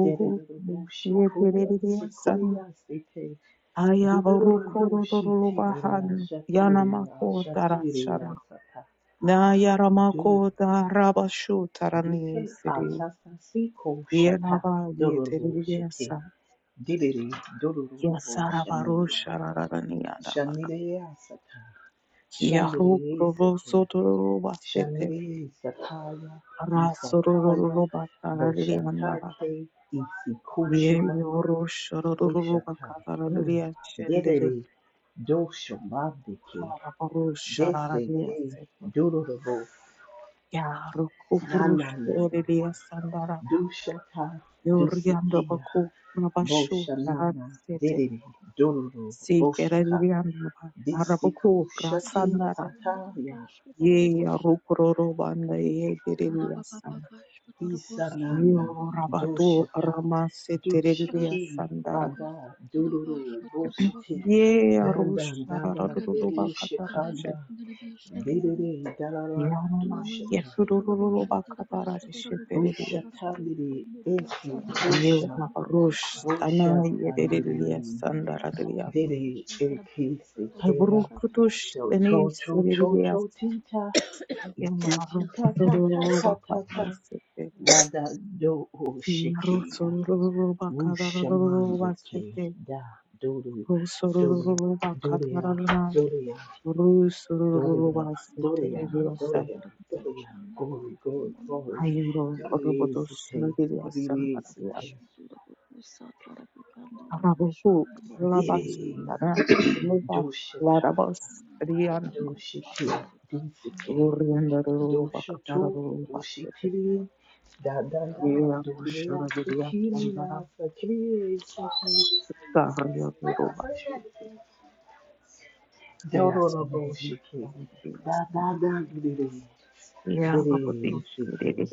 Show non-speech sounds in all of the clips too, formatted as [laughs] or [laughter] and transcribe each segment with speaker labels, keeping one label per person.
Speaker 1: Dererereboshikoya sikoya site durororeboshiterera shatirera shatirera sata dur dike asasa siko shata dororoboshite direre dorororoboshaneya shanireya sata shanirere sike shanirere sataya isataya boshatake isikushimanga Boshata. Mm. Dedede. Dosho Mandike. Deseke. Durorobo. Nana Nada. Dushata. Dusikia. Boshanana. Dedede. Dororo. Boshaka. Disikushati Sataya. Isanana. Doshata. Dushiki Bada Dururu Boshiti Dandan Dandan Deushikanda Dedede dalala dushata. Bushatandiri esi kusha. Bushatandiri. Dede eki sekera. So to to to to tita. Iti tita ta ta ta ta ta. Nada do o shikira. Wushamande ke da dodo dodo doria doria Gloria, Gloria, Gloria, Gloria, Glory, Glory, Glory. Glory Sita, Glory Sita, Diri, Dushita, Dushiti, Dushiti, Dushutu, Dushitiri, Da Da Da, Doria, Sikiri, Sakiri, Siki, Dororo Shiki, Da Da Da, Diri, Diri Siki.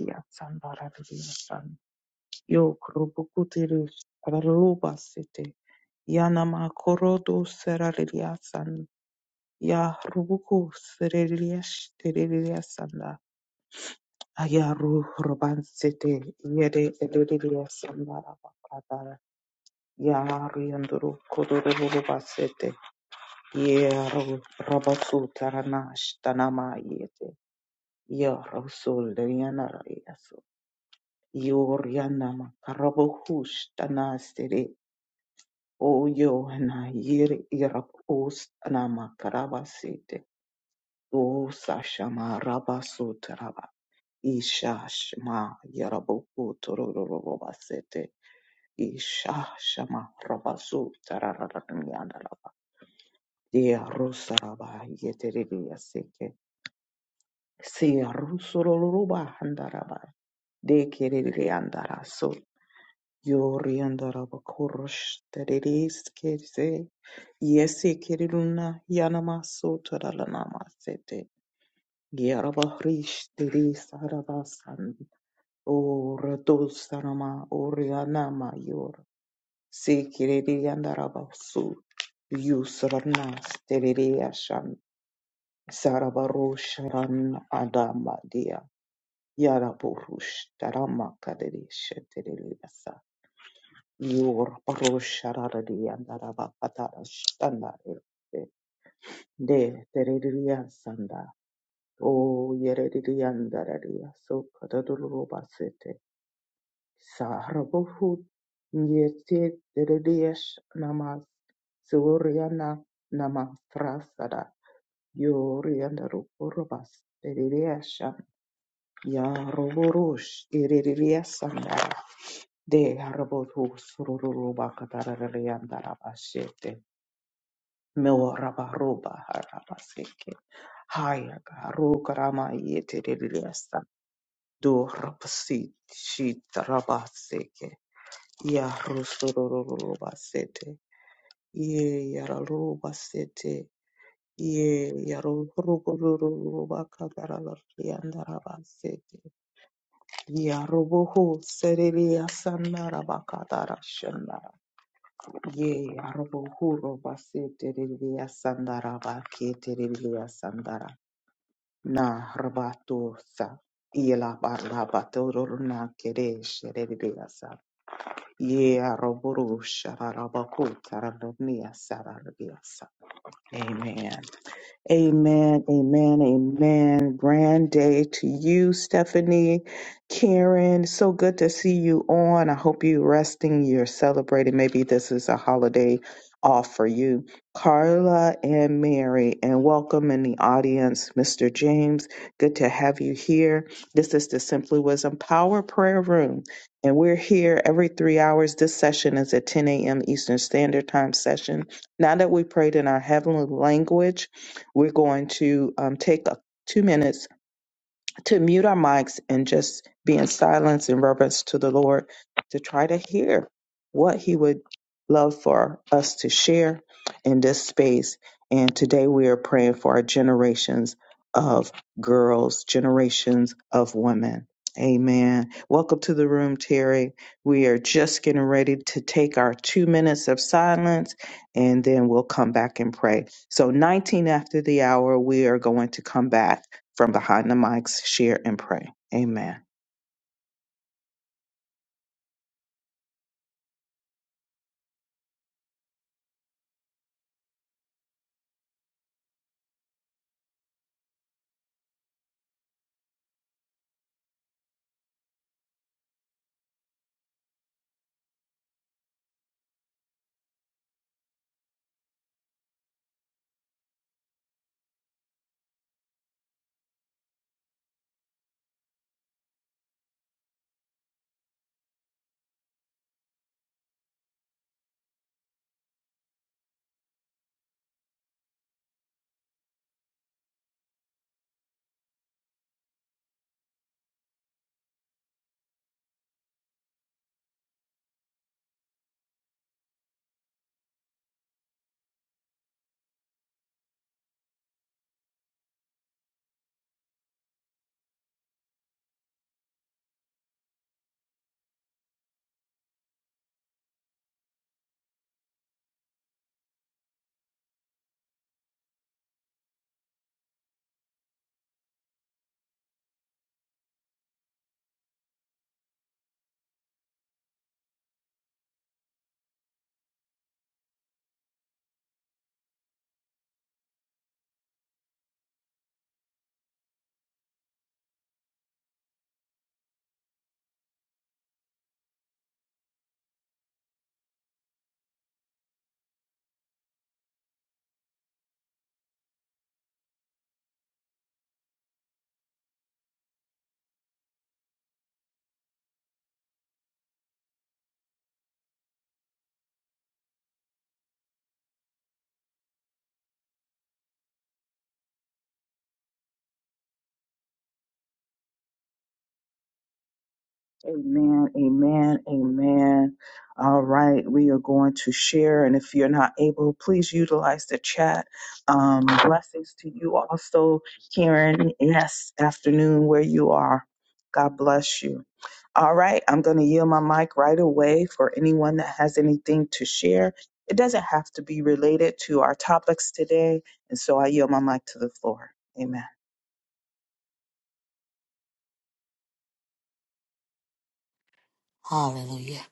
Speaker 2: Hallelujah.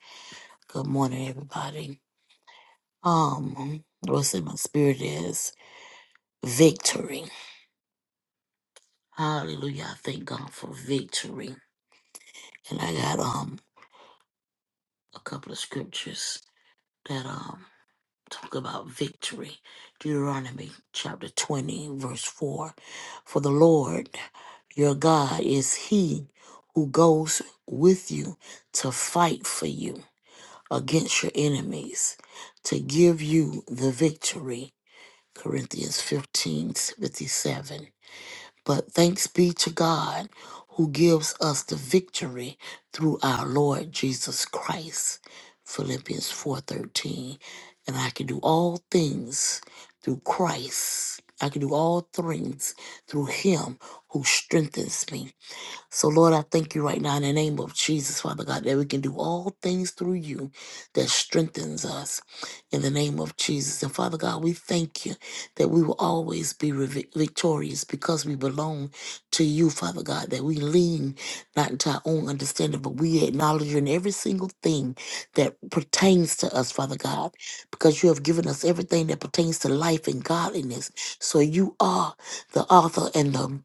Speaker 2: Good morning, everybody. Um, what's in my spirit is victory. Hallelujah. I thank God for victory. And I got um a couple of scriptures that um talk about victory. Deuteronomy chapter twenty, verse four. For the Lord your God is he who goes with you to fight for you against your enemies, to give you the victory. Corinthians 15 57. But thanks be to God who gives us the victory through our Lord Jesus Christ. Philippians 4 13. And I can do all things through Christ. I can do all things through him who strengthens me. So, Lord, I thank you right now in the name of Jesus, Father God, that we can do all things through you that strengthens us in the name of Jesus. And Father God, we thank you that we will always be revi- victorious because we belong to you, Father God, that we lean not into our own understanding, but we acknowledge you in every single thing that pertains to us, Father God, because you have given us everything that pertains to life and godliness. So you are the author and the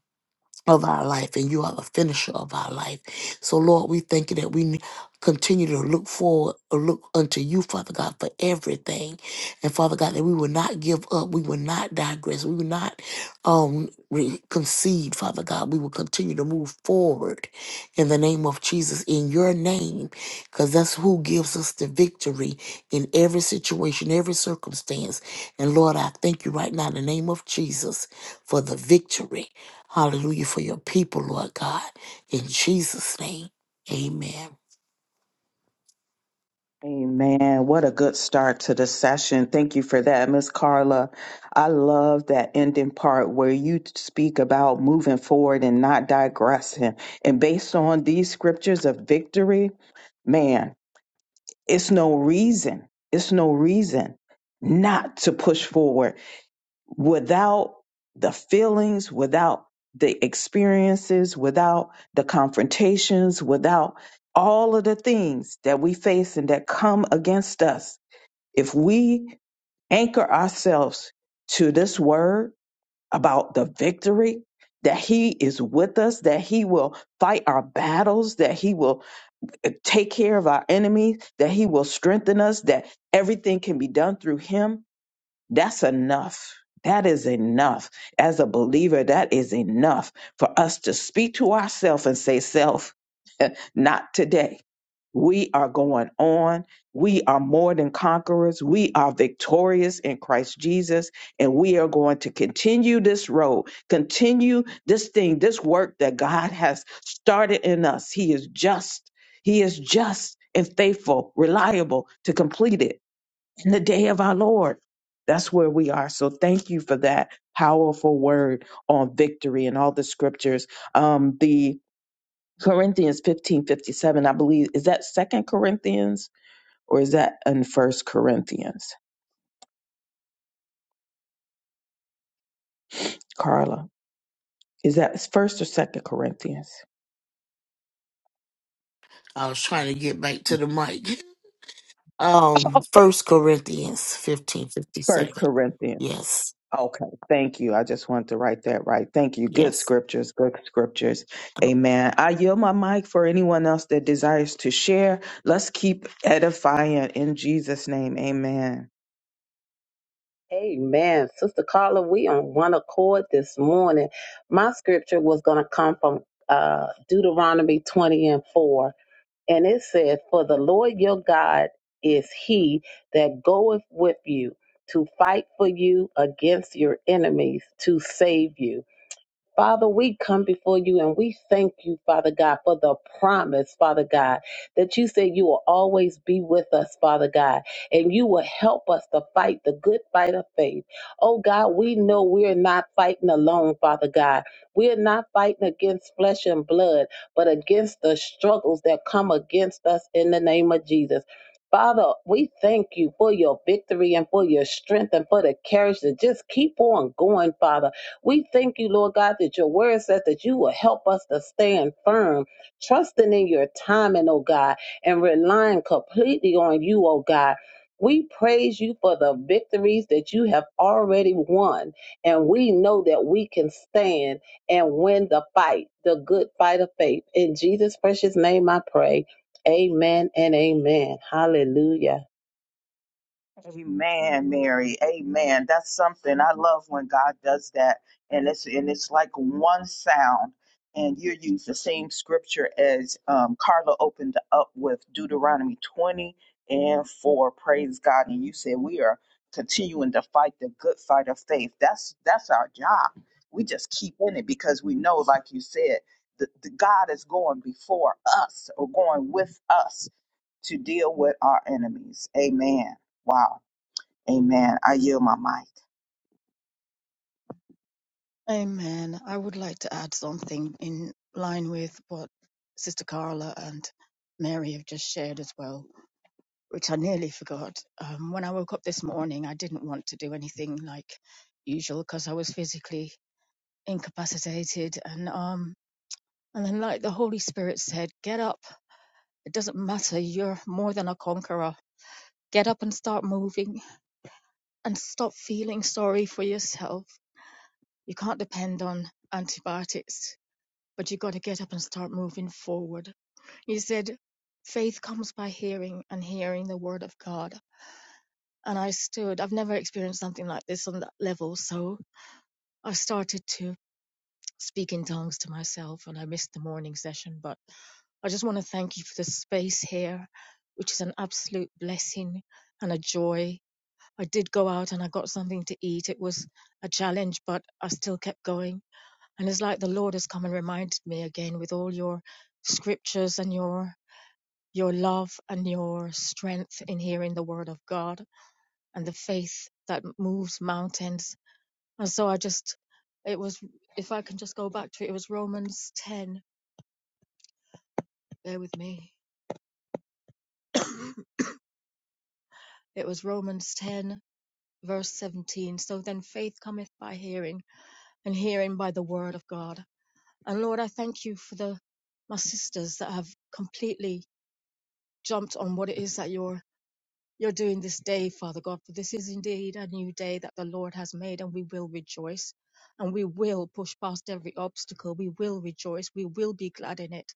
Speaker 2: of our life, and you are the finisher of our life. So, Lord, we thank you that we n- continue to look forward, or look unto you, Father God, for everything. And Father God, that we will not give up, we will not digress, we will not um re- concede, Father God. We will continue to move forward in the name of Jesus, in your name, because that's who gives us the victory in every situation, every circumstance. And Lord, I thank you right now in the name of Jesus for the victory. Hallelujah for your people, Lord God. In Jesus' name, amen. I was trying to get back to the mic. Um, First Corinthians fifteen fifty seven. Yes, yes.
Speaker 3: Amen. Sister Carla, we on one accord this morning. My scripture was going to come from uh, Deuteronomy 20 and 4. And it said, For the Lord your God is he that goeth with you to fight for you against your enemies to save you. Father, we come before you and we thank you, Father God, for the promise, Father God, that you said you will always be with us, Father God, and you will help us to fight the good fight of faith. Oh God, we know we're not fighting alone, Father God. We're not fighting against flesh and blood, but against the struggles that come against us in the name of Jesus. Father, we thank you for your victory and for your strength and for the courage to just keep on going, Father we thank you, Lord God, that your word says that you will help us to stand firm, trusting in your timing, oh God, and relying completely on you, oh God. We praise you for the victories that you have already won. And we know that we can stand and win the fight, the good fight of faith. In Jesus' precious name, I pray. Amen and amen. Hallelujah.
Speaker 4: Amen. I would like to add something in line with what Sister Carla and Mary have just shared as well, which I nearly forgot. Um, when I woke up this morning, I didn't want to do anything like usual because I was physically incapacitated, and um, and then like the Holy Spirit said, get up. It doesn't matter. You're more than a conqueror. Get up and start moving, and stop feeling sorry for yourself. You can't depend on antibiotics but you got to get up and start moving forward. He said, Faith comes by hearing and hearing the word of God. And I stood, I've never experienced something like this on that level. So I started to speak in tongues to myself and I missed the morning session. But I just want to thank you for the space here, which is an absolute blessing and a joy. I did go out and I got something to eat. It was a challenge, but I still kept going and it's like the Lord has come and reminded me again with all your scriptures and your your love and your strength in hearing the word of God and the faith that moves mountains. And so I just it was if I can just go back to it, it was Romans 10. Bear with me. It was Romans 10 verse 17. So then faith cometh by hearing and hearing by the word of God. And Lord, I thank you for the my sisters that have completely jumped on what it is that you're you're doing this day, Father God, for this is indeed a new day that the Lord has made, and we will rejoice and we will push past every obstacle. We will rejoice. We will be glad in it.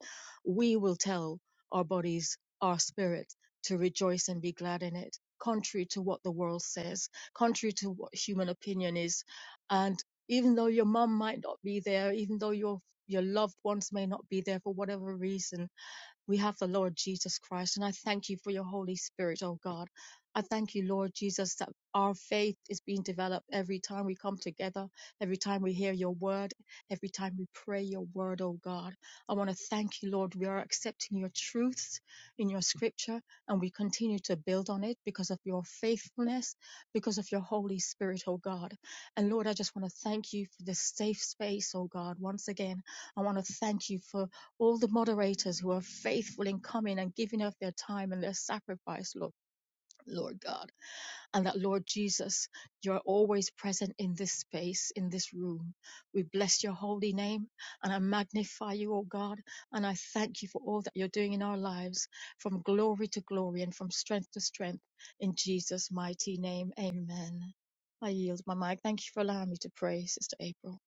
Speaker 4: We will tell our bodies, our spirit, to rejoice and be glad in it, contrary to what the world says, contrary to what human opinion is. And even though your mum might not be there, even though your your loved ones may not be there for whatever reason, we have the Lord Jesus Christ, and I thank you for your Holy Spirit, oh God. I thank you, Lord Jesus, that our faith is being developed every time we come together, every time we hear your word, every time we pray your word, oh God. I want to thank you, Lord. We are accepting your truths in your scripture, and we continue to build on it because of your faithfulness, because of your Holy Spirit, oh God. And Lord, I just want to thank you for this safe space, oh God. Once again, I want to thank you for all the moderators who are faithful in coming and giving of their time and their sacrifice, Lord, Lord God. And that, Lord Jesus, you're always present in this space, in this room. We bless your holy name and I magnify you, O God. And I thank you for all that you're doing in our lives from glory to glory and from strength to strength. In Jesus' mighty name, amen. I yield my mic. Thank you for allowing me to pray, Sister April.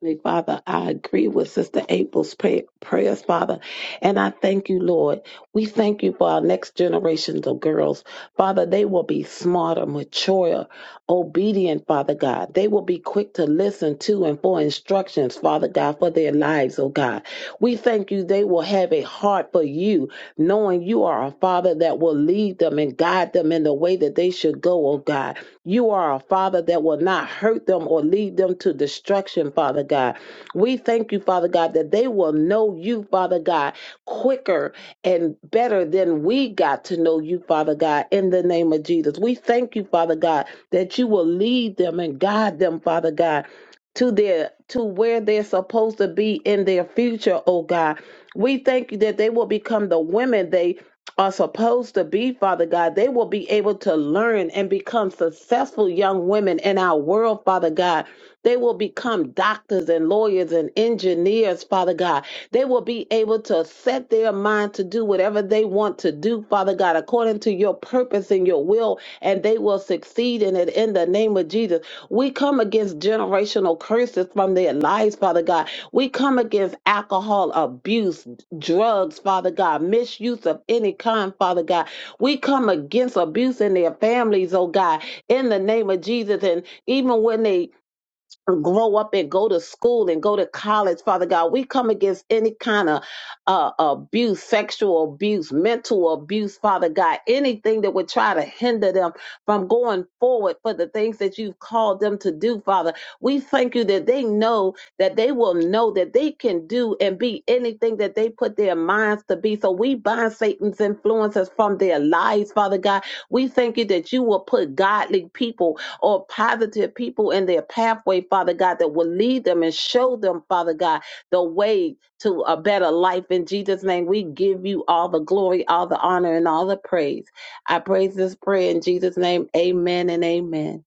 Speaker 3: Heavenly Father, I agree with Sister April's pray- prayers, Father, and I thank you, Lord. We thank you for our next generations of girls. Father, they will be smarter, mature, obedient, Father God. They will be quick to listen to and for instructions, Father God, for their lives, oh God. We thank you they will have a heart for you, knowing you are a Father that will lead them and guide them in the way that they should go, oh God. You are a Father that will not hurt them or lead them to destruction, Father God. We thank you, Father God, that they will know you, Father God, quicker and better than we got to know you, Father God, in the name of Jesus. We thank you, Father God, that you will lead them and guide them, Father God. To their to where they're supposed to be in their future, oh God. We thank you that they will become the women they are supposed to be, Father God. They will be able to learn and become successful young women in our world, Father God. They will become doctors and lawyers and engineers, Father God. They will be able to set their mind to do whatever they want to do, Father God, according to your purpose and your will, and they will succeed in it in the name of Jesus. We come against generational curses from their lives, Father God. We come against alcohol abuse, drugs, Father God, misuse of any kind, Father God. We come against abuse in their families, oh God, in the name of Jesus. And even when they grow up and go to school and go to college, Father God. We come against any kind of uh, abuse, sexual abuse, mental abuse, Father God, anything that would try to hinder them from going forward for the things that you've called them to do, Father. We thank you that they know that they will know that they can do and be anything that they put their minds to be. So we bind Satan's influences from their lives, Father God. We thank you that you will put godly people or positive people in their pathway, Father God, that will lead them and show them, Father God, the way to a better life. In Jesus' name, we give you all the glory, all the honor, and all the praise. I praise this prayer in Jesus' name. Amen and amen.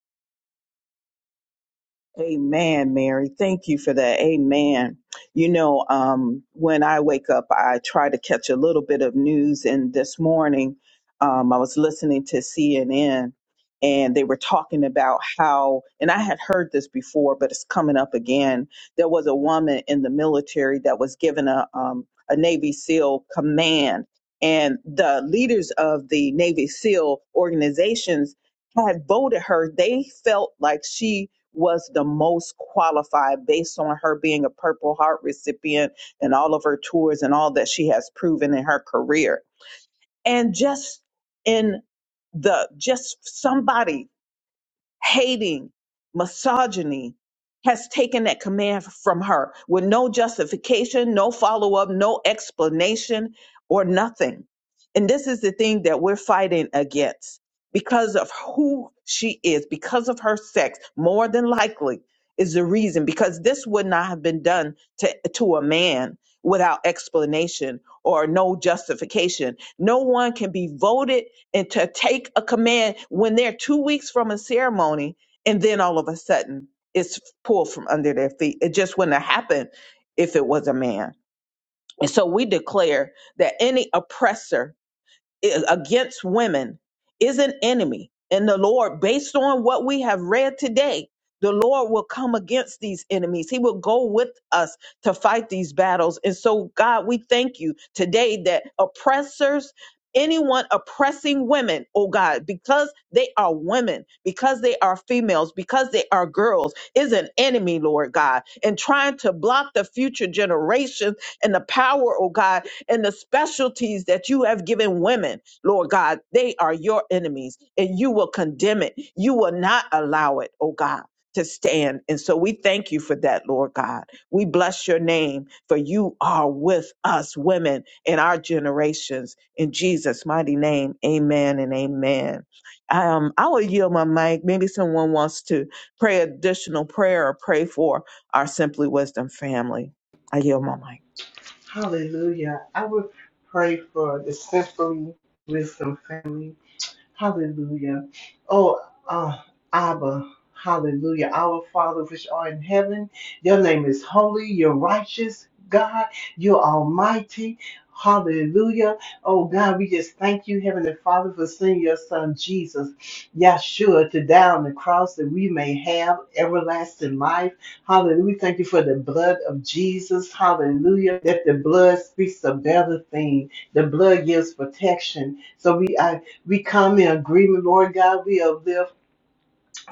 Speaker 1: Hallelujah. I would pray for the Simply Wisdom family. Hallelujah. Oh, uh, Abba. Hallelujah. Our Father, which art in heaven, your name is holy. You're righteous, God. You're almighty. Hallelujah. Oh, God, we just thank you, Heavenly Father, for sending your Son, Jesus, Yahshua, to die on the cross that we may have everlasting life. Hallelujah. We thank you for the blood of Jesus. Hallelujah. That the blood speaks a better thing. The blood gives protection. So we, I we come in agreement, Lord God. We uplift.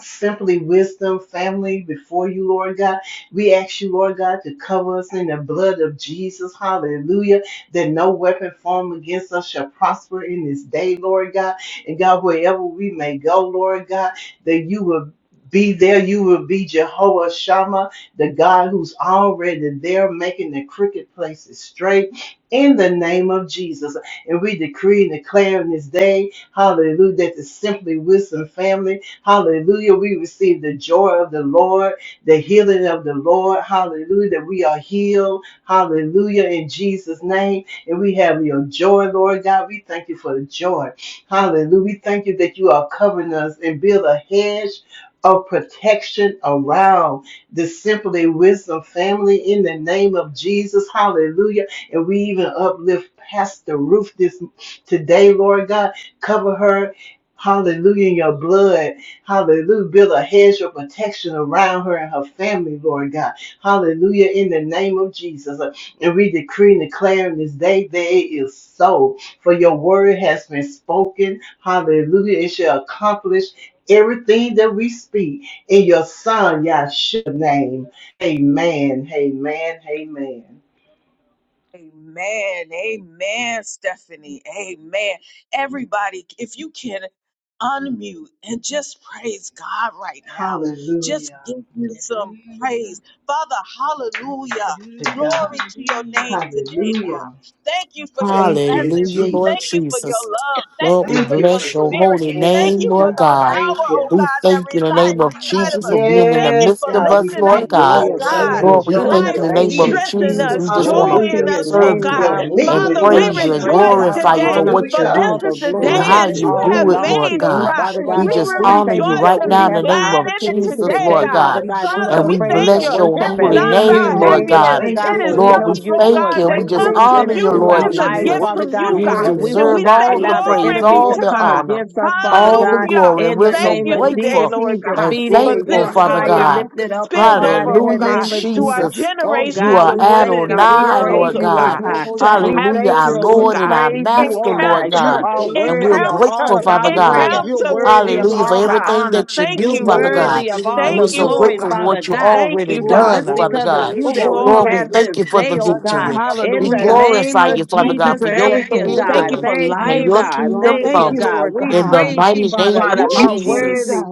Speaker 1: Simply wisdom, family, before you, Lord God. We ask you, Lord God, to cover us in the blood of Jesus. Hallelujah. That no weapon formed against us shall prosper in this day, Lord God. And God, wherever we may go, Lord God, that you will be there. You will be Jehovah Shammah, the God who's already there, making the crooked places straight in the name of Jesus. And we decree and declare in this day, hallelujah, that the Simply Wisdom family. Hallelujah. We receive the joy of the Lord, the healing of the Lord. Hallelujah. That we are healed. Hallelujah. In Jesus' name. And we have your joy, Lord God. We thank you for the joy. Hallelujah. We thank you that you are covering us and build a hedge of protection around the Simply Wisdom family in the name of Jesus. Hallelujah. And we even uplift Pastor Ruth this today, Lord God. Cover her. Hallelujah in your blood. Hallelujah. Build a hedge of protection around her and her family, Lord God. Hallelujah. In the name of Jesus. And we decree and declare in this day, there is so. For your word has been spoken. Hallelujah. It shall accomplish everything that we speak in your son, Yahshua's name. Amen. Amen. Amen. Hallelujah to God. Hallelujah. Thank you,
Speaker 2: Hallelujah, Lord
Speaker 1: Jesus.
Speaker 2: Jesus. Lord, we
Speaker 1: Thank you for
Speaker 2: bless your
Speaker 1: your
Speaker 2: holy name,
Speaker 1: yes,
Speaker 2: Lord
Speaker 1: God.
Speaker 2: God.
Speaker 1: Thank
Speaker 5: power, oh
Speaker 1: you.
Speaker 2: We
Speaker 5: God, that
Speaker 2: thank you in the name
Speaker 5: resides
Speaker 2: of
Speaker 6: Father.
Speaker 5: inside of
Speaker 2: Jesus for
Speaker 5: us.
Speaker 6: Thank
Speaker 2: being in the
Speaker 5: Thank you
Speaker 1: Yes,
Speaker 5: for
Speaker 2: midst of
Speaker 1: God. We
Speaker 2: us,
Speaker 6: you
Speaker 5: lifting
Speaker 6: for being a
Speaker 2: Lord
Speaker 5: up,
Speaker 1: thank you for
Speaker 2: God.
Speaker 5: oh
Speaker 6: God that's
Speaker 3: Hallelujah.
Speaker 1: your love,
Speaker 3: Thank
Speaker 5: God,
Speaker 6: more
Speaker 1: your
Speaker 6: than
Speaker 3: you,
Speaker 2: Lord, we
Speaker 6: enough,
Speaker 1: joy,
Speaker 2: thank
Speaker 3: Jesus.
Speaker 2: you
Speaker 5: life
Speaker 1: your
Speaker 6: Father.
Speaker 2: in the
Speaker 5: and
Speaker 3: Thank
Speaker 2: name of
Speaker 3: you,
Speaker 1: peace.
Speaker 5: strengthening
Speaker 2: Jesus.
Speaker 6: Just
Speaker 3: Jesus.
Speaker 5: us,
Speaker 2: We
Speaker 6: know
Speaker 2: just
Speaker 6: you
Speaker 2: want
Speaker 3: Glory
Speaker 5: joy
Speaker 3: to
Speaker 2: to
Speaker 5: in
Speaker 1: Hallelujah.
Speaker 3: your
Speaker 5: us, oh
Speaker 2: serve
Speaker 3: name,
Speaker 2: you
Speaker 5: God.
Speaker 1: Your
Speaker 3: God. We
Speaker 6: are
Speaker 2: and
Speaker 3: give
Speaker 5: Father,
Speaker 1: meekness,
Speaker 3: you
Speaker 5: we
Speaker 6: enough.
Speaker 1: your
Speaker 3: all
Speaker 2: praise
Speaker 3: the
Speaker 2: you and
Speaker 3: praise,
Speaker 5: rejoice
Speaker 1: gentleness.
Speaker 3: all the
Speaker 2: glorify you for
Speaker 5: today,
Speaker 3: honor,
Speaker 6: We give
Speaker 2: what you
Speaker 5: for
Speaker 1: Hallelujah.
Speaker 5: this
Speaker 2: do
Speaker 6: you
Speaker 3: all the
Speaker 5: is the
Speaker 6: praise
Speaker 2: and
Speaker 6: and
Speaker 3: glory,
Speaker 5: day
Speaker 3: because
Speaker 1: Glory
Speaker 2: how
Speaker 6: honor,
Speaker 1: to
Speaker 3: it
Speaker 5: that you
Speaker 2: you
Speaker 1: you.
Speaker 3: all
Speaker 6: Father
Speaker 5: have
Speaker 2: do it,
Speaker 6: God.
Speaker 3: belongs
Speaker 2: Lord
Speaker 3: to
Speaker 5: made, oh
Speaker 6: Bless you,
Speaker 3: you,
Speaker 2: God.
Speaker 5: God.
Speaker 3: Father
Speaker 6: Lord
Speaker 3: God.
Speaker 2: We
Speaker 5: We
Speaker 6: God,
Speaker 2: just
Speaker 6: for
Speaker 5: will
Speaker 6: the
Speaker 3: We
Speaker 2: honor
Speaker 6: gift
Speaker 3: thank
Speaker 2: you
Speaker 3: you
Speaker 5: rejoice
Speaker 3: that
Speaker 2: right
Speaker 6: of
Speaker 5: and
Speaker 6: life.
Speaker 3: we
Speaker 2: now in
Speaker 5: be
Speaker 2: the
Speaker 3: have the
Speaker 2: name
Speaker 5: glad
Speaker 2: of
Speaker 5: in it
Speaker 3: opportunity
Speaker 2: Jesus,
Speaker 5: today,
Speaker 6: We
Speaker 3: today,
Speaker 2: Lord
Speaker 6: give
Speaker 5: God.
Speaker 6: you
Speaker 3: Father
Speaker 2: God.
Speaker 6: each
Speaker 3: God,
Speaker 6: one
Speaker 3: just
Speaker 6: of
Speaker 5: Father,
Speaker 3: to
Speaker 2: And
Speaker 6: us,
Speaker 5: we
Speaker 2: we
Speaker 6: Father
Speaker 3: praise
Speaker 5: thank
Speaker 3: and
Speaker 6: God.
Speaker 5: you.
Speaker 2: bless your
Speaker 3: worship
Speaker 5: It's
Speaker 3: at
Speaker 2: holy
Speaker 6: Oh,
Speaker 5: not
Speaker 1: Yes,
Speaker 3: your
Speaker 2: name,
Speaker 5: about
Speaker 2: Lord
Speaker 3: name,
Speaker 1: Jesus.
Speaker 6: bless
Speaker 2: God.
Speaker 5: happiness.
Speaker 3: Father
Speaker 1: Thank
Speaker 6: your
Speaker 3: God,
Speaker 5: It
Speaker 1: you
Speaker 6: holy
Speaker 3: for
Speaker 5: is
Speaker 1: for
Speaker 6: name,
Speaker 3: we
Speaker 1: the
Speaker 2: Lord, we
Speaker 6: Father.
Speaker 3: know
Speaker 1: joy.
Speaker 5: something,
Speaker 3: you're
Speaker 5: oh
Speaker 2: thank
Speaker 3: doing
Speaker 2: you.
Speaker 5: God,
Speaker 2: We
Speaker 5: that
Speaker 3: great
Speaker 2: just
Speaker 6: Your
Speaker 5: comes
Speaker 6: word,
Speaker 3: things
Speaker 5: from
Speaker 1: Hallelujah.
Speaker 3: in
Speaker 2: honor
Speaker 5: you.
Speaker 3: and
Speaker 2: you,
Speaker 6: your
Speaker 3: through
Speaker 2: Lord
Speaker 1: In
Speaker 3: our
Speaker 6: word,
Speaker 5: It's
Speaker 1: the
Speaker 5: a
Speaker 1: name
Speaker 6: your
Speaker 3: lives,
Speaker 1: of
Speaker 2: Jesus.
Speaker 5: gift
Speaker 6: word,
Speaker 3: Father
Speaker 5: from
Speaker 3: God,
Speaker 6: your
Speaker 5: you,
Speaker 1: Jesus.
Speaker 2: You
Speaker 6: word,
Speaker 5: God.
Speaker 1: Thank
Speaker 3: and
Speaker 6: your word,
Speaker 3: we
Speaker 5: And
Speaker 1: you.
Speaker 3: will
Speaker 2: deserve
Speaker 5: we
Speaker 3: not
Speaker 5: say
Speaker 2: all
Speaker 6: your word.
Speaker 2: the
Speaker 3: allow the
Speaker 5: glory
Speaker 2: praise,
Speaker 6: your
Speaker 3: enemy
Speaker 5: be
Speaker 6: word.
Speaker 2: all
Speaker 3: to
Speaker 5: to
Speaker 2: the
Speaker 3: come
Speaker 5: God.
Speaker 2: honor,
Speaker 3: against us, Father
Speaker 6: Oh,
Speaker 2: all the
Speaker 6: bless
Speaker 3: God.
Speaker 5: Hallelujah.
Speaker 2: glory. And
Speaker 3: In
Speaker 6: the
Speaker 2: we're
Speaker 3: the
Speaker 6: name
Speaker 2: so
Speaker 6: of
Speaker 5: Thank
Speaker 3: name
Speaker 5: you
Speaker 6: the
Speaker 3: of
Speaker 6: most
Speaker 5: today,
Speaker 3: Jesus,
Speaker 2: grateful
Speaker 5: Lord
Speaker 3: he's
Speaker 5: God,
Speaker 2: and
Speaker 3: defeated
Speaker 5: for
Speaker 6: glory,
Speaker 3: and
Speaker 2: thankful,
Speaker 3: you're
Speaker 6: honor,
Speaker 5: this,
Speaker 2: Father
Speaker 3: high
Speaker 5: Lord
Speaker 6: praise,
Speaker 3: and
Speaker 5: God,
Speaker 2: God.
Speaker 3: lifted up, oh
Speaker 5: spilled
Speaker 6: power,
Speaker 3: God,
Speaker 5: over,
Speaker 3: in
Speaker 5: oh
Speaker 3: the
Speaker 2: Hallelujah,
Speaker 6: and
Speaker 5: God,
Speaker 3: name of
Speaker 5: to our
Speaker 3: Jesus.
Speaker 6: all
Speaker 2: Jesus.
Speaker 3: Oh
Speaker 6: belong unto
Speaker 2: You
Speaker 5: generations
Speaker 3: God,
Speaker 2: are
Speaker 5: of
Speaker 6: thee,
Speaker 3: we
Speaker 6: Father.
Speaker 5: women
Speaker 3: thank
Speaker 5: and
Speaker 3: you.
Speaker 5: our
Speaker 3: We
Speaker 2: Adonai,
Speaker 6: Oh,
Speaker 5: girls,
Speaker 3: praise
Speaker 2: Lord
Speaker 6: we
Speaker 5: oh
Speaker 3: you, oh
Speaker 6: bless
Speaker 2: God.
Speaker 5: God,
Speaker 6: your
Speaker 3: God.
Speaker 5: to
Speaker 6: holy name.
Speaker 3: We
Speaker 5: have
Speaker 2: Hallelujah,
Speaker 3: thank
Speaker 2: our
Speaker 5: this,
Speaker 3: you and
Speaker 5: Lord
Speaker 3: we
Speaker 2: Lord and
Speaker 5: God,
Speaker 2: our
Speaker 3: praise you,
Speaker 6: Lord
Speaker 2: Master,
Speaker 3: oh
Speaker 6: God,
Speaker 2: Lord
Speaker 3: God.
Speaker 6: we
Speaker 3: You
Speaker 2: God.
Speaker 5: encounter,
Speaker 3: are
Speaker 6: thank
Speaker 2: And
Speaker 6: you,
Speaker 2: we're
Speaker 3: worthy of
Speaker 6: Father,
Speaker 5: encounter,
Speaker 3: all
Speaker 2: grateful,
Speaker 3: of
Speaker 2: Father
Speaker 3: our
Speaker 6: for being the
Speaker 2: God.
Speaker 3: praise.
Speaker 6: God
Speaker 3: You're
Speaker 5: encounter
Speaker 6: that's
Speaker 5: with
Speaker 6: Lord.
Speaker 3: worthy
Speaker 5: you,
Speaker 3: of
Speaker 2: Hallelujah, for
Speaker 5: Lord
Speaker 3: all the
Speaker 5: God.
Speaker 2: everything
Speaker 3: honor.
Speaker 2: that you
Speaker 5: Thank
Speaker 2: do,
Speaker 3: You're
Speaker 5: you,
Speaker 6: Oh,
Speaker 2: Father
Speaker 6: blessed
Speaker 5: Lord.
Speaker 2: God.
Speaker 3: worthy
Speaker 6: be
Speaker 3: of
Speaker 6: the
Speaker 3: all
Speaker 2: And we're
Speaker 5: Thank
Speaker 3: the
Speaker 6: name
Speaker 5: you,
Speaker 6: of
Speaker 2: so
Speaker 6: the
Speaker 5: oh
Speaker 3: glory,
Speaker 6: Most
Speaker 2: grateful for
Speaker 6: High.
Speaker 5: God.
Speaker 3: Father
Speaker 2: what you
Speaker 3: God,
Speaker 5: Thank
Speaker 2: already
Speaker 5: you,
Speaker 3: because
Speaker 6: Glory,
Speaker 3: it's
Speaker 2: done,
Speaker 5: Father.
Speaker 6: glory,
Speaker 2: Father
Speaker 3: because of
Speaker 2: God.
Speaker 6: glory,
Speaker 3: you
Speaker 5: Oh,
Speaker 3: that
Speaker 6: glory,
Speaker 3: we
Speaker 6: glory.
Speaker 2: Lord, we
Speaker 5: glory.
Speaker 3: have
Speaker 6: Your
Speaker 2: thank
Speaker 3: this
Speaker 2: you
Speaker 6: Most
Speaker 2: for
Speaker 3: day,
Speaker 2: the
Speaker 3: oh
Speaker 6: High, your
Speaker 3: God.
Speaker 2: victory.
Speaker 6: Most
Speaker 3: In
Speaker 2: We
Speaker 3: the
Speaker 5: Hallelujah.
Speaker 6: High.
Speaker 3: name
Speaker 2: glorify you,
Speaker 3: of
Speaker 6: Blessed be
Speaker 2: Father
Speaker 6: God.
Speaker 5: Thank you
Speaker 2: God,
Speaker 3: Jesus,
Speaker 5: for
Speaker 2: for your
Speaker 3: thank
Speaker 2: will
Speaker 3: you,
Speaker 6: You
Speaker 5: everything.
Speaker 6: are
Speaker 2: being
Speaker 5: Thank
Speaker 3: God.
Speaker 5: you
Speaker 6: worthy to
Speaker 2: done
Speaker 5: for
Speaker 6: be. praised.
Speaker 3: Thank you,
Speaker 2: and your
Speaker 5: life.
Speaker 3: God.
Speaker 6: We
Speaker 2: kingdom
Speaker 6: honor
Speaker 3: Thank
Speaker 5: Thank
Speaker 6: you,
Speaker 3: you,
Speaker 2: come
Speaker 5: you,
Speaker 6: Lord. We
Speaker 3: God.
Speaker 5: Lord
Speaker 6: thank
Speaker 3: We
Speaker 2: in the
Speaker 5: God.
Speaker 3: praise you,
Speaker 2: mighty name
Speaker 3: Father.
Speaker 2: of
Speaker 3: You
Speaker 6: you. We
Speaker 5: Oh,
Speaker 3: are
Speaker 6: glorify
Speaker 2: Jesus.
Speaker 3: worthy.
Speaker 5: Jesus.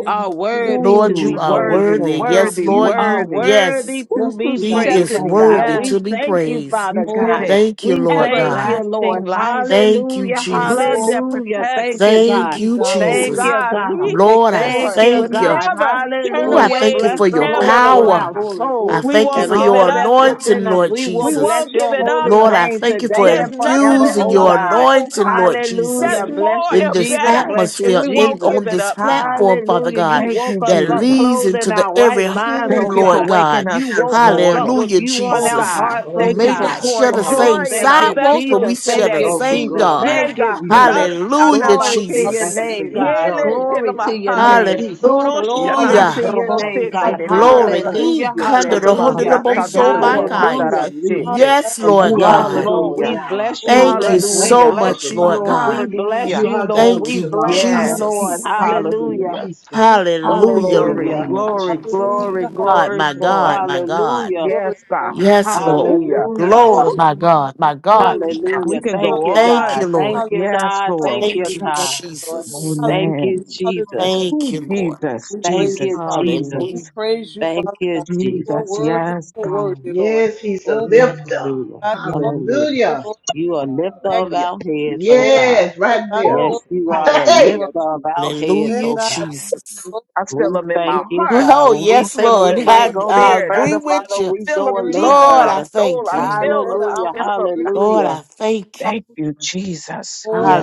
Speaker 6: you. We
Speaker 3: are
Speaker 6: give you the
Speaker 3: worthy
Speaker 6: praise
Speaker 2: Lord,
Speaker 3: to
Speaker 5: Ooh,
Speaker 2: you
Speaker 3: be
Speaker 2: are
Speaker 3: praised,
Speaker 5: worthy,
Speaker 2: worthy.
Speaker 3: Lord.
Speaker 6: and honor.
Speaker 2: Yes,
Speaker 5: worthy,
Speaker 3: You
Speaker 2: Lord,
Speaker 3: are
Speaker 2: you,
Speaker 5: worthy.
Speaker 2: yes,
Speaker 3: worthy to
Speaker 6: Blessed
Speaker 5: Ooh,
Speaker 3: be
Speaker 6: be thy
Speaker 2: He
Speaker 6: holy
Speaker 3: praised,
Speaker 2: is
Speaker 6: name,
Speaker 3: oh
Speaker 5: Stephanie,
Speaker 3: God.
Speaker 2: worthy
Speaker 3: We
Speaker 5: yes,
Speaker 2: to be
Speaker 6: O
Speaker 3: thank
Speaker 6: Lord.
Speaker 3: you,
Speaker 2: praised.
Speaker 5: you
Speaker 3: Father
Speaker 5: said
Speaker 6: Oh,
Speaker 3: God.
Speaker 5: it.
Speaker 2: Thank you,
Speaker 3: We
Speaker 6: we
Speaker 2: Lord
Speaker 6: praise
Speaker 3: thank you,
Speaker 2: God.
Speaker 6: you,
Speaker 5: Everlasting
Speaker 3: Lord.
Speaker 6: oh God.
Speaker 5: life,
Speaker 2: Thank you,
Speaker 3: Hallelujah.
Speaker 6: We praise you,
Speaker 5: blood
Speaker 6: oh God.
Speaker 2: Jesus.
Speaker 5: that
Speaker 3: Hallelujah. Thank
Speaker 5: protects.
Speaker 3: you,
Speaker 6: Blessed
Speaker 3: God.
Speaker 2: Thank
Speaker 6: be
Speaker 2: you,
Speaker 6: thy
Speaker 5: Ooh,
Speaker 6: holy
Speaker 3: Thank
Speaker 2: Jesus.
Speaker 6: name.
Speaker 3: you,
Speaker 5: God,
Speaker 3: God.
Speaker 5: we,
Speaker 6: Thank
Speaker 2: Lord,
Speaker 6: you.
Speaker 2: I
Speaker 3: Thank
Speaker 5: Lord,
Speaker 3: you,
Speaker 5: will
Speaker 2: thank you.
Speaker 3: God.
Speaker 5: never turn
Speaker 2: Ooh, I
Speaker 6: Glory,
Speaker 3: Hallelujah.
Speaker 2: thank you
Speaker 6: glory,
Speaker 5: away.
Speaker 3: Bless
Speaker 2: for
Speaker 3: the
Speaker 2: your
Speaker 6: glory,
Speaker 5: Never,
Speaker 3: Lord, all
Speaker 5: Lord
Speaker 6: glory,
Speaker 2: power.
Speaker 3: our
Speaker 5: God.
Speaker 6: glory, glory.
Speaker 2: I
Speaker 3: soul
Speaker 5: We
Speaker 2: thank you
Speaker 3: and
Speaker 5: won't
Speaker 2: for
Speaker 6: glory.
Speaker 5: give it
Speaker 3: all
Speaker 2: your
Speaker 5: up,
Speaker 3: that's within
Speaker 5: God.
Speaker 2: anointing,
Speaker 3: us.
Speaker 2: Lord
Speaker 3: We will
Speaker 5: We
Speaker 2: Jesus.
Speaker 3: bless
Speaker 5: won't give
Speaker 3: your
Speaker 5: it up,
Speaker 3: holy
Speaker 6: Hallelujah,
Speaker 2: Lord,
Speaker 5: God.
Speaker 2: I
Speaker 3: name
Speaker 2: thank you for
Speaker 3: today
Speaker 5: There's
Speaker 3: and
Speaker 6: hallelujah,
Speaker 5: nothing
Speaker 3: forever,
Speaker 5: in
Speaker 2: infusing
Speaker 5: the
Speaker 3: oh
Speaker 6: hallelujah,
Speaker 2: your
Speaker 3: God.
Speaker 5: world, oh
Speaker 2: anointing,
Speaker 5: God,
Speaker 2: Lord Jesus,
Speaker 3: Hallelujah.
Speaker 5: that's
Speaker 3: Bless
Speaker 5: more
Speaker 3: you,
Speaker 2: in
Speaker 5: and
Speaker 2: this
Speaker 3: Jesus.
Speaker 5: better,
Speaker 3: Bless
Speaker 5: and
Speaker 3: you,
Speaker 2: atmosphere,
Speaker 5: we
Speaker 2: in
Speaker 5: won't
Speaker 3: Jesus.
Speaker 5: give
Speaker 2: on
Speaker 5: it
Speaker 2: this
Speaker 5: up, God.
Speaker 2: platform, Father
Speaker 3: Hallelujah. You
Speaker 2: God,
Speaker 5: Thank
Speaker 3: woke
Speaker 5: you,
Speaker 2: that
Speaker 3: us up
Speaker 5: Jesus.
Speaker 2: leads
Speaker 3: clothed
Speaker 2: into
Speaker 3: in
Speaker 2: the
Speaker 3: our right
Speaker 2: every home,
Speaker 3: minds,
Speaker 5: Thank
Speaker 3: oh
Speaker 5: you for
Speaker 2: Lord
Speaker 3: God.
Speaker 2: God.
Speaker 5: waking
Speaker 3: You
Speaker 5: us this
Speaker 3: woke us up
Speaker 5: morning.
Speaker 3: with
Speaker 2: Hallelujah,
Speaker 3: you on
Speaker 5: Oh
Speaker 3: our
Speaker 2: Jesus.
Speaker 5: God,
Speaker 3: hearts,
Speaker 2: We
Speaker 3: oh
Speaker 1: Glory
Speaker 5: thank you
Speaker 2: may
Speaker 1: to
Speaker 5: for
Speaker 3: God.
Speaker 2: not
Speaker 1: God.
Speaker 2: share the
Speaker 5: pouring
Speaker 3: Oh,
Speaker 2: same
Speaker 5: joy
Speaker 1: Hallelujah.
Speaker 5: in
Speaker 3: thank
Speaker 5: our
Speaker 3: you,
Speaker 2: sidewalks, but
Speaker 1: Ekusha.
Speaker 2: we
Speaker 5: vessels
Speaker 3: Jesus.
Speaker 2: share
Speaker 3: Thank
Speaker 2: the
Speaker 5: today.
Speaker 3: you,
Speaker 1: Oh, be
Speaker 2: same
Speaker 3: Jesus.
Speaker 2: God.
Speaker 5: Yeah,
Speaker 3: Thank
Speaker 1: glorified.
Speaker 3: you,
Speaker 1: We
Speaker 5: God.
Speaker 3: Jesus.
Speaker 1: magnify you.
Speaker 2: Hallelujah,
Speaker 3: Glory to
Speaker 5: Rashanamahe.
Speaker 1: We
Speaker 3: your
Speaker 1: thank you
Speaker 2: Jesus.
Speaker 1: for
Speaker 3: name,
Speaker 1: your
Speaker 3: God.
Speaker 1: joy. We
Speaker 5: Yele
Speaker 1: thank
Speaker 3: Glory
Speaker 1: you,
Speaker 3: to
Speaker 1: Lord,
Speaker 3: your
Speaker 6: hallelujah,
Speaker 1: for
Speaker 6: hallelujah,
Speaker 5: helamaha.
Speaker 1: your
Speaker 6: hallelujah,
Speaker 3: name.
Speaker 1: peace.
Speaker 5: Doroshana.
Speaker 3: Glory to
Speaker 2: Hallelujah.
Speaker 3: your
Speaker 1: Ekushata.
Speaker 3: name,
Speaker 1: We
Speaker 5: Robosete
Speaker 3: God.
Speaker 1: thank you for your
Speaker 6: hallelujah,
Speaker 2: Glory.
Speaker 5: leliyasa.
Speaker 1: blood that
Speaker 2: E,
Speaker 3: Hallelujah.
Speaker 1: you're
Speaker 2: kanda da
Speaker 1: covering us.
Speaker 5: Kama
Speaker 2: hunda
Speaker 1: We
Speaker 2: da
Speaker 6: hallelujah.
Speaker 3: Hallelujah.
Speaker 2: bo
Speaker 5: rasa
Speaker 1: thank you
Speaker 2: so
Speaker 1: for the
Speaker 2: ba kai.
Speaker 1: walkness
Speaker 3: Hallelujah.
Speaker 1: and newness,
Speaker 5: kadarasete.
Speaker 2: Yes,
Speaker 1: for
Speaker 2: Lord
Speaker 1: you are
Speaker 3: Yes,
Speaker 2: God.
Speaker 3: Lord,
Speaker 1: Jehovah
Speaker 5: Hallelujah.
Speaker 3: we
Speaker 1: Jireh.
Speaker 3: bless you.
Speaker 2: Thank you
Speaker 3: Let
Speaker 1: We
Speaker 3: we
Speaker 1: thank
Speaker 2: so
Speaker 1: you
Speaker 5: Hallelujah.
Speaker 3: bless
Speaker 1: for
Speaker 2: much,
Speaker 3: you,
Speaker 2: Lord
Speaker 3: Lord.
Speaker 1: providing.
Speaker 2: God.
Speaker 3: We
Speaker 5: Hallelujah.
Speaker 3: bless
Speaker 1: You
Speaker 3: you,
Speaker 1: are
Speaker 3: Lord.
Speaker 1: Jehovah
Speaker 2: Thank
Speaker 3: We
Speaker 2: you,
Speaker 3: bless
Speaker 1: Shalom,
Speaker 3: you,
Speaker 5: Yeah.
Speaker 1: our
Speaker 3: Lord.
Speaker 2: Jesus.
Speaker 1: peace. Thank you
Speaker 6: Hallelujah.
Speaker 1: for your
Speaker 3: Hallelujah.
Speaker 5: Hallelujah.
Speaker 1: peace, God,
Speaker 6: Hallelujah!
Speaker 5: Oh,
Speaker 2: Hallelujah,
Speaker 1: in the
Speaker 2: Lord
Speaker 5: glory,
Speaker 3: Hallelujah.
Speaker 1: name of
Speaker 5: glory,
Speaker 1: Jesus.
Speaker 5: glory,
Speaker 6: Hallelujah,
Speaker 2: God,
Speaker 5: glory,
Speaker 2: my
Speaker 6: hallelujah,
Speaker 2: God,
Speaker 5: glory.
Speaker 2: my God.
Speaker 6: hallelujah.
Speaker 3: Hallelujah.
Speaker 6: Glory
Speaker 5: Yes,
Speaker 6: to thy name.
Speaker 5: God.
Speaker 2: Yes,
Speaker 6: Glory to
Speaker 2: Lord.
Speaker 5: Hallelujah.
Speaker 6: thy
Speaker 2: Ooh,
Speaker 6: name.
Speaker 3: Hallelujah.
Speaker 2: glory,
Speaker 6: Glory to
Speaker 2: my
Speaker 6: thy name.
Speaker 2: God, my God.
Speaker 6: Glory to thy name.
Speaker 5: We
Speaker 3: Hallelujah.
Speaker 5: can
Speaker 3: Thank
Speaker 5: go
Speaker 3: you,
Speaker 6: Hallelujah.
Speaker 2: Thank
Speaker 3: God.
Speaker 2: you,
Speaker 5: on.
Speaker 2: Lord.
Speaker 3: Thank
Speaker 6: Hallelujah.
Speaker 3: you,
Speaker 5: Yes,
Speaker 3: God. Thank
Speaker 5: Lord.
Speaker 3: you,
Speaker 2: Thank
Speaker 6: Hallelujah
Speaker 2: you,
Speaker 6: to thy name,
Speaker 3: God.
Speaker 6: Lord.
Speaker 2: Jesus.
Speaker 3: Thank
Speaker 5: Amen.
Speaker 3: you,
Speaker 6: Hallelujah. Hallelujah.
Speaker 3: Jesus.
Speaker 2: Thank
Speaker 5: Oh,
Speaker 2: you, Lord.
Speaker 5: Jesus.
Speaker 6: We
Speaker 3: Thank
Speaker 6: praise you,
Speaker 3: you,
Speaker 6: Father.
Speaker 3: Jesus.
Speaker 6: We
Speaker 2: Hallelujah.
Speaker 6: praise you,
Speaker 3: Thank
Speaker 6: Father God.
Speaker 3: you,
Speaker 6: You are
Speaker 3: Jesus.
Speaker 6: worthy, you are worthy, Lord.
Speaker 1: Yes, He's a
Speaker 6: Oh, be
Speaker 1: lifter.
Speaker 3: Hallelujah.
Speaker 6: God on the earth,
Speaker 3: Hallelujah.
Speaker 6: oh
Speaker 1: Hallelujah.
Speaker 6: Lord,
Speaker 3: You are lifter
Speaker 6: magnify,
Speaker 3: of our heads, oh
Speaker 6: oh,
Speaker 3: God.
Speaker 1: Yes,
Speaker 6: let
Speaker 1: right
Speaker 6: thy
Speaker 1: there.
Speaker 3: Yes,
Speaker 6: glory
Speaker 3: you
Speaker 1: [laughs]
Speaker 3: are
Speaker 6: flow
Speaker 3: the
Speaker 6: through
Speaker 1: Hey,
Speaker 6: us.
Speaker 3: lifter of our heads,
Speaker 6: Let
Speaker 2: Hallelujah,
Speaker 3: oh
Speaker 6: thy
Speaker 3: God.
Speaker 2: Jesus.
Speaker 6: glory flow through us
Speaker 3: We
Speaker 6: today,
Speaker 3: thank
Speaker 6: oh
Speaker 3: you, God.
Speaker 2: Oh,
Speaker 3: When we
Speaker 2: yes,
Speaker 3: think
Speaker 2: Lord.
Speaker 3: we can't
Speaker 6: Lord,
Speaker 2: I,
Speaker 3: go
Speaker 2: I
Speaker 3: no
Speaker 2: agree
Speaker 3: further,
Speaker 2: with
Speaker 3: Father,
Speaker 2: you.
Speaker 3: we go a
Speaker 6: spirit
Speaker 3: little
Speaker 6: now,
Speaker 5: in
Speaker 2: Lord, I
Speaker 6: Father.
Speaker 3: further.
Speaker 2: thank
Speaker 6: We
Speaker 2: you.
Speaker 6: surrender our
Speaker 3: Hallelujah.
Speaker 6: spirit to you.
Speaker 2: Lord,
Speaker 3: Hallelujah.
Speaker 2: I thank you.
Speaker 6: Hallelujah.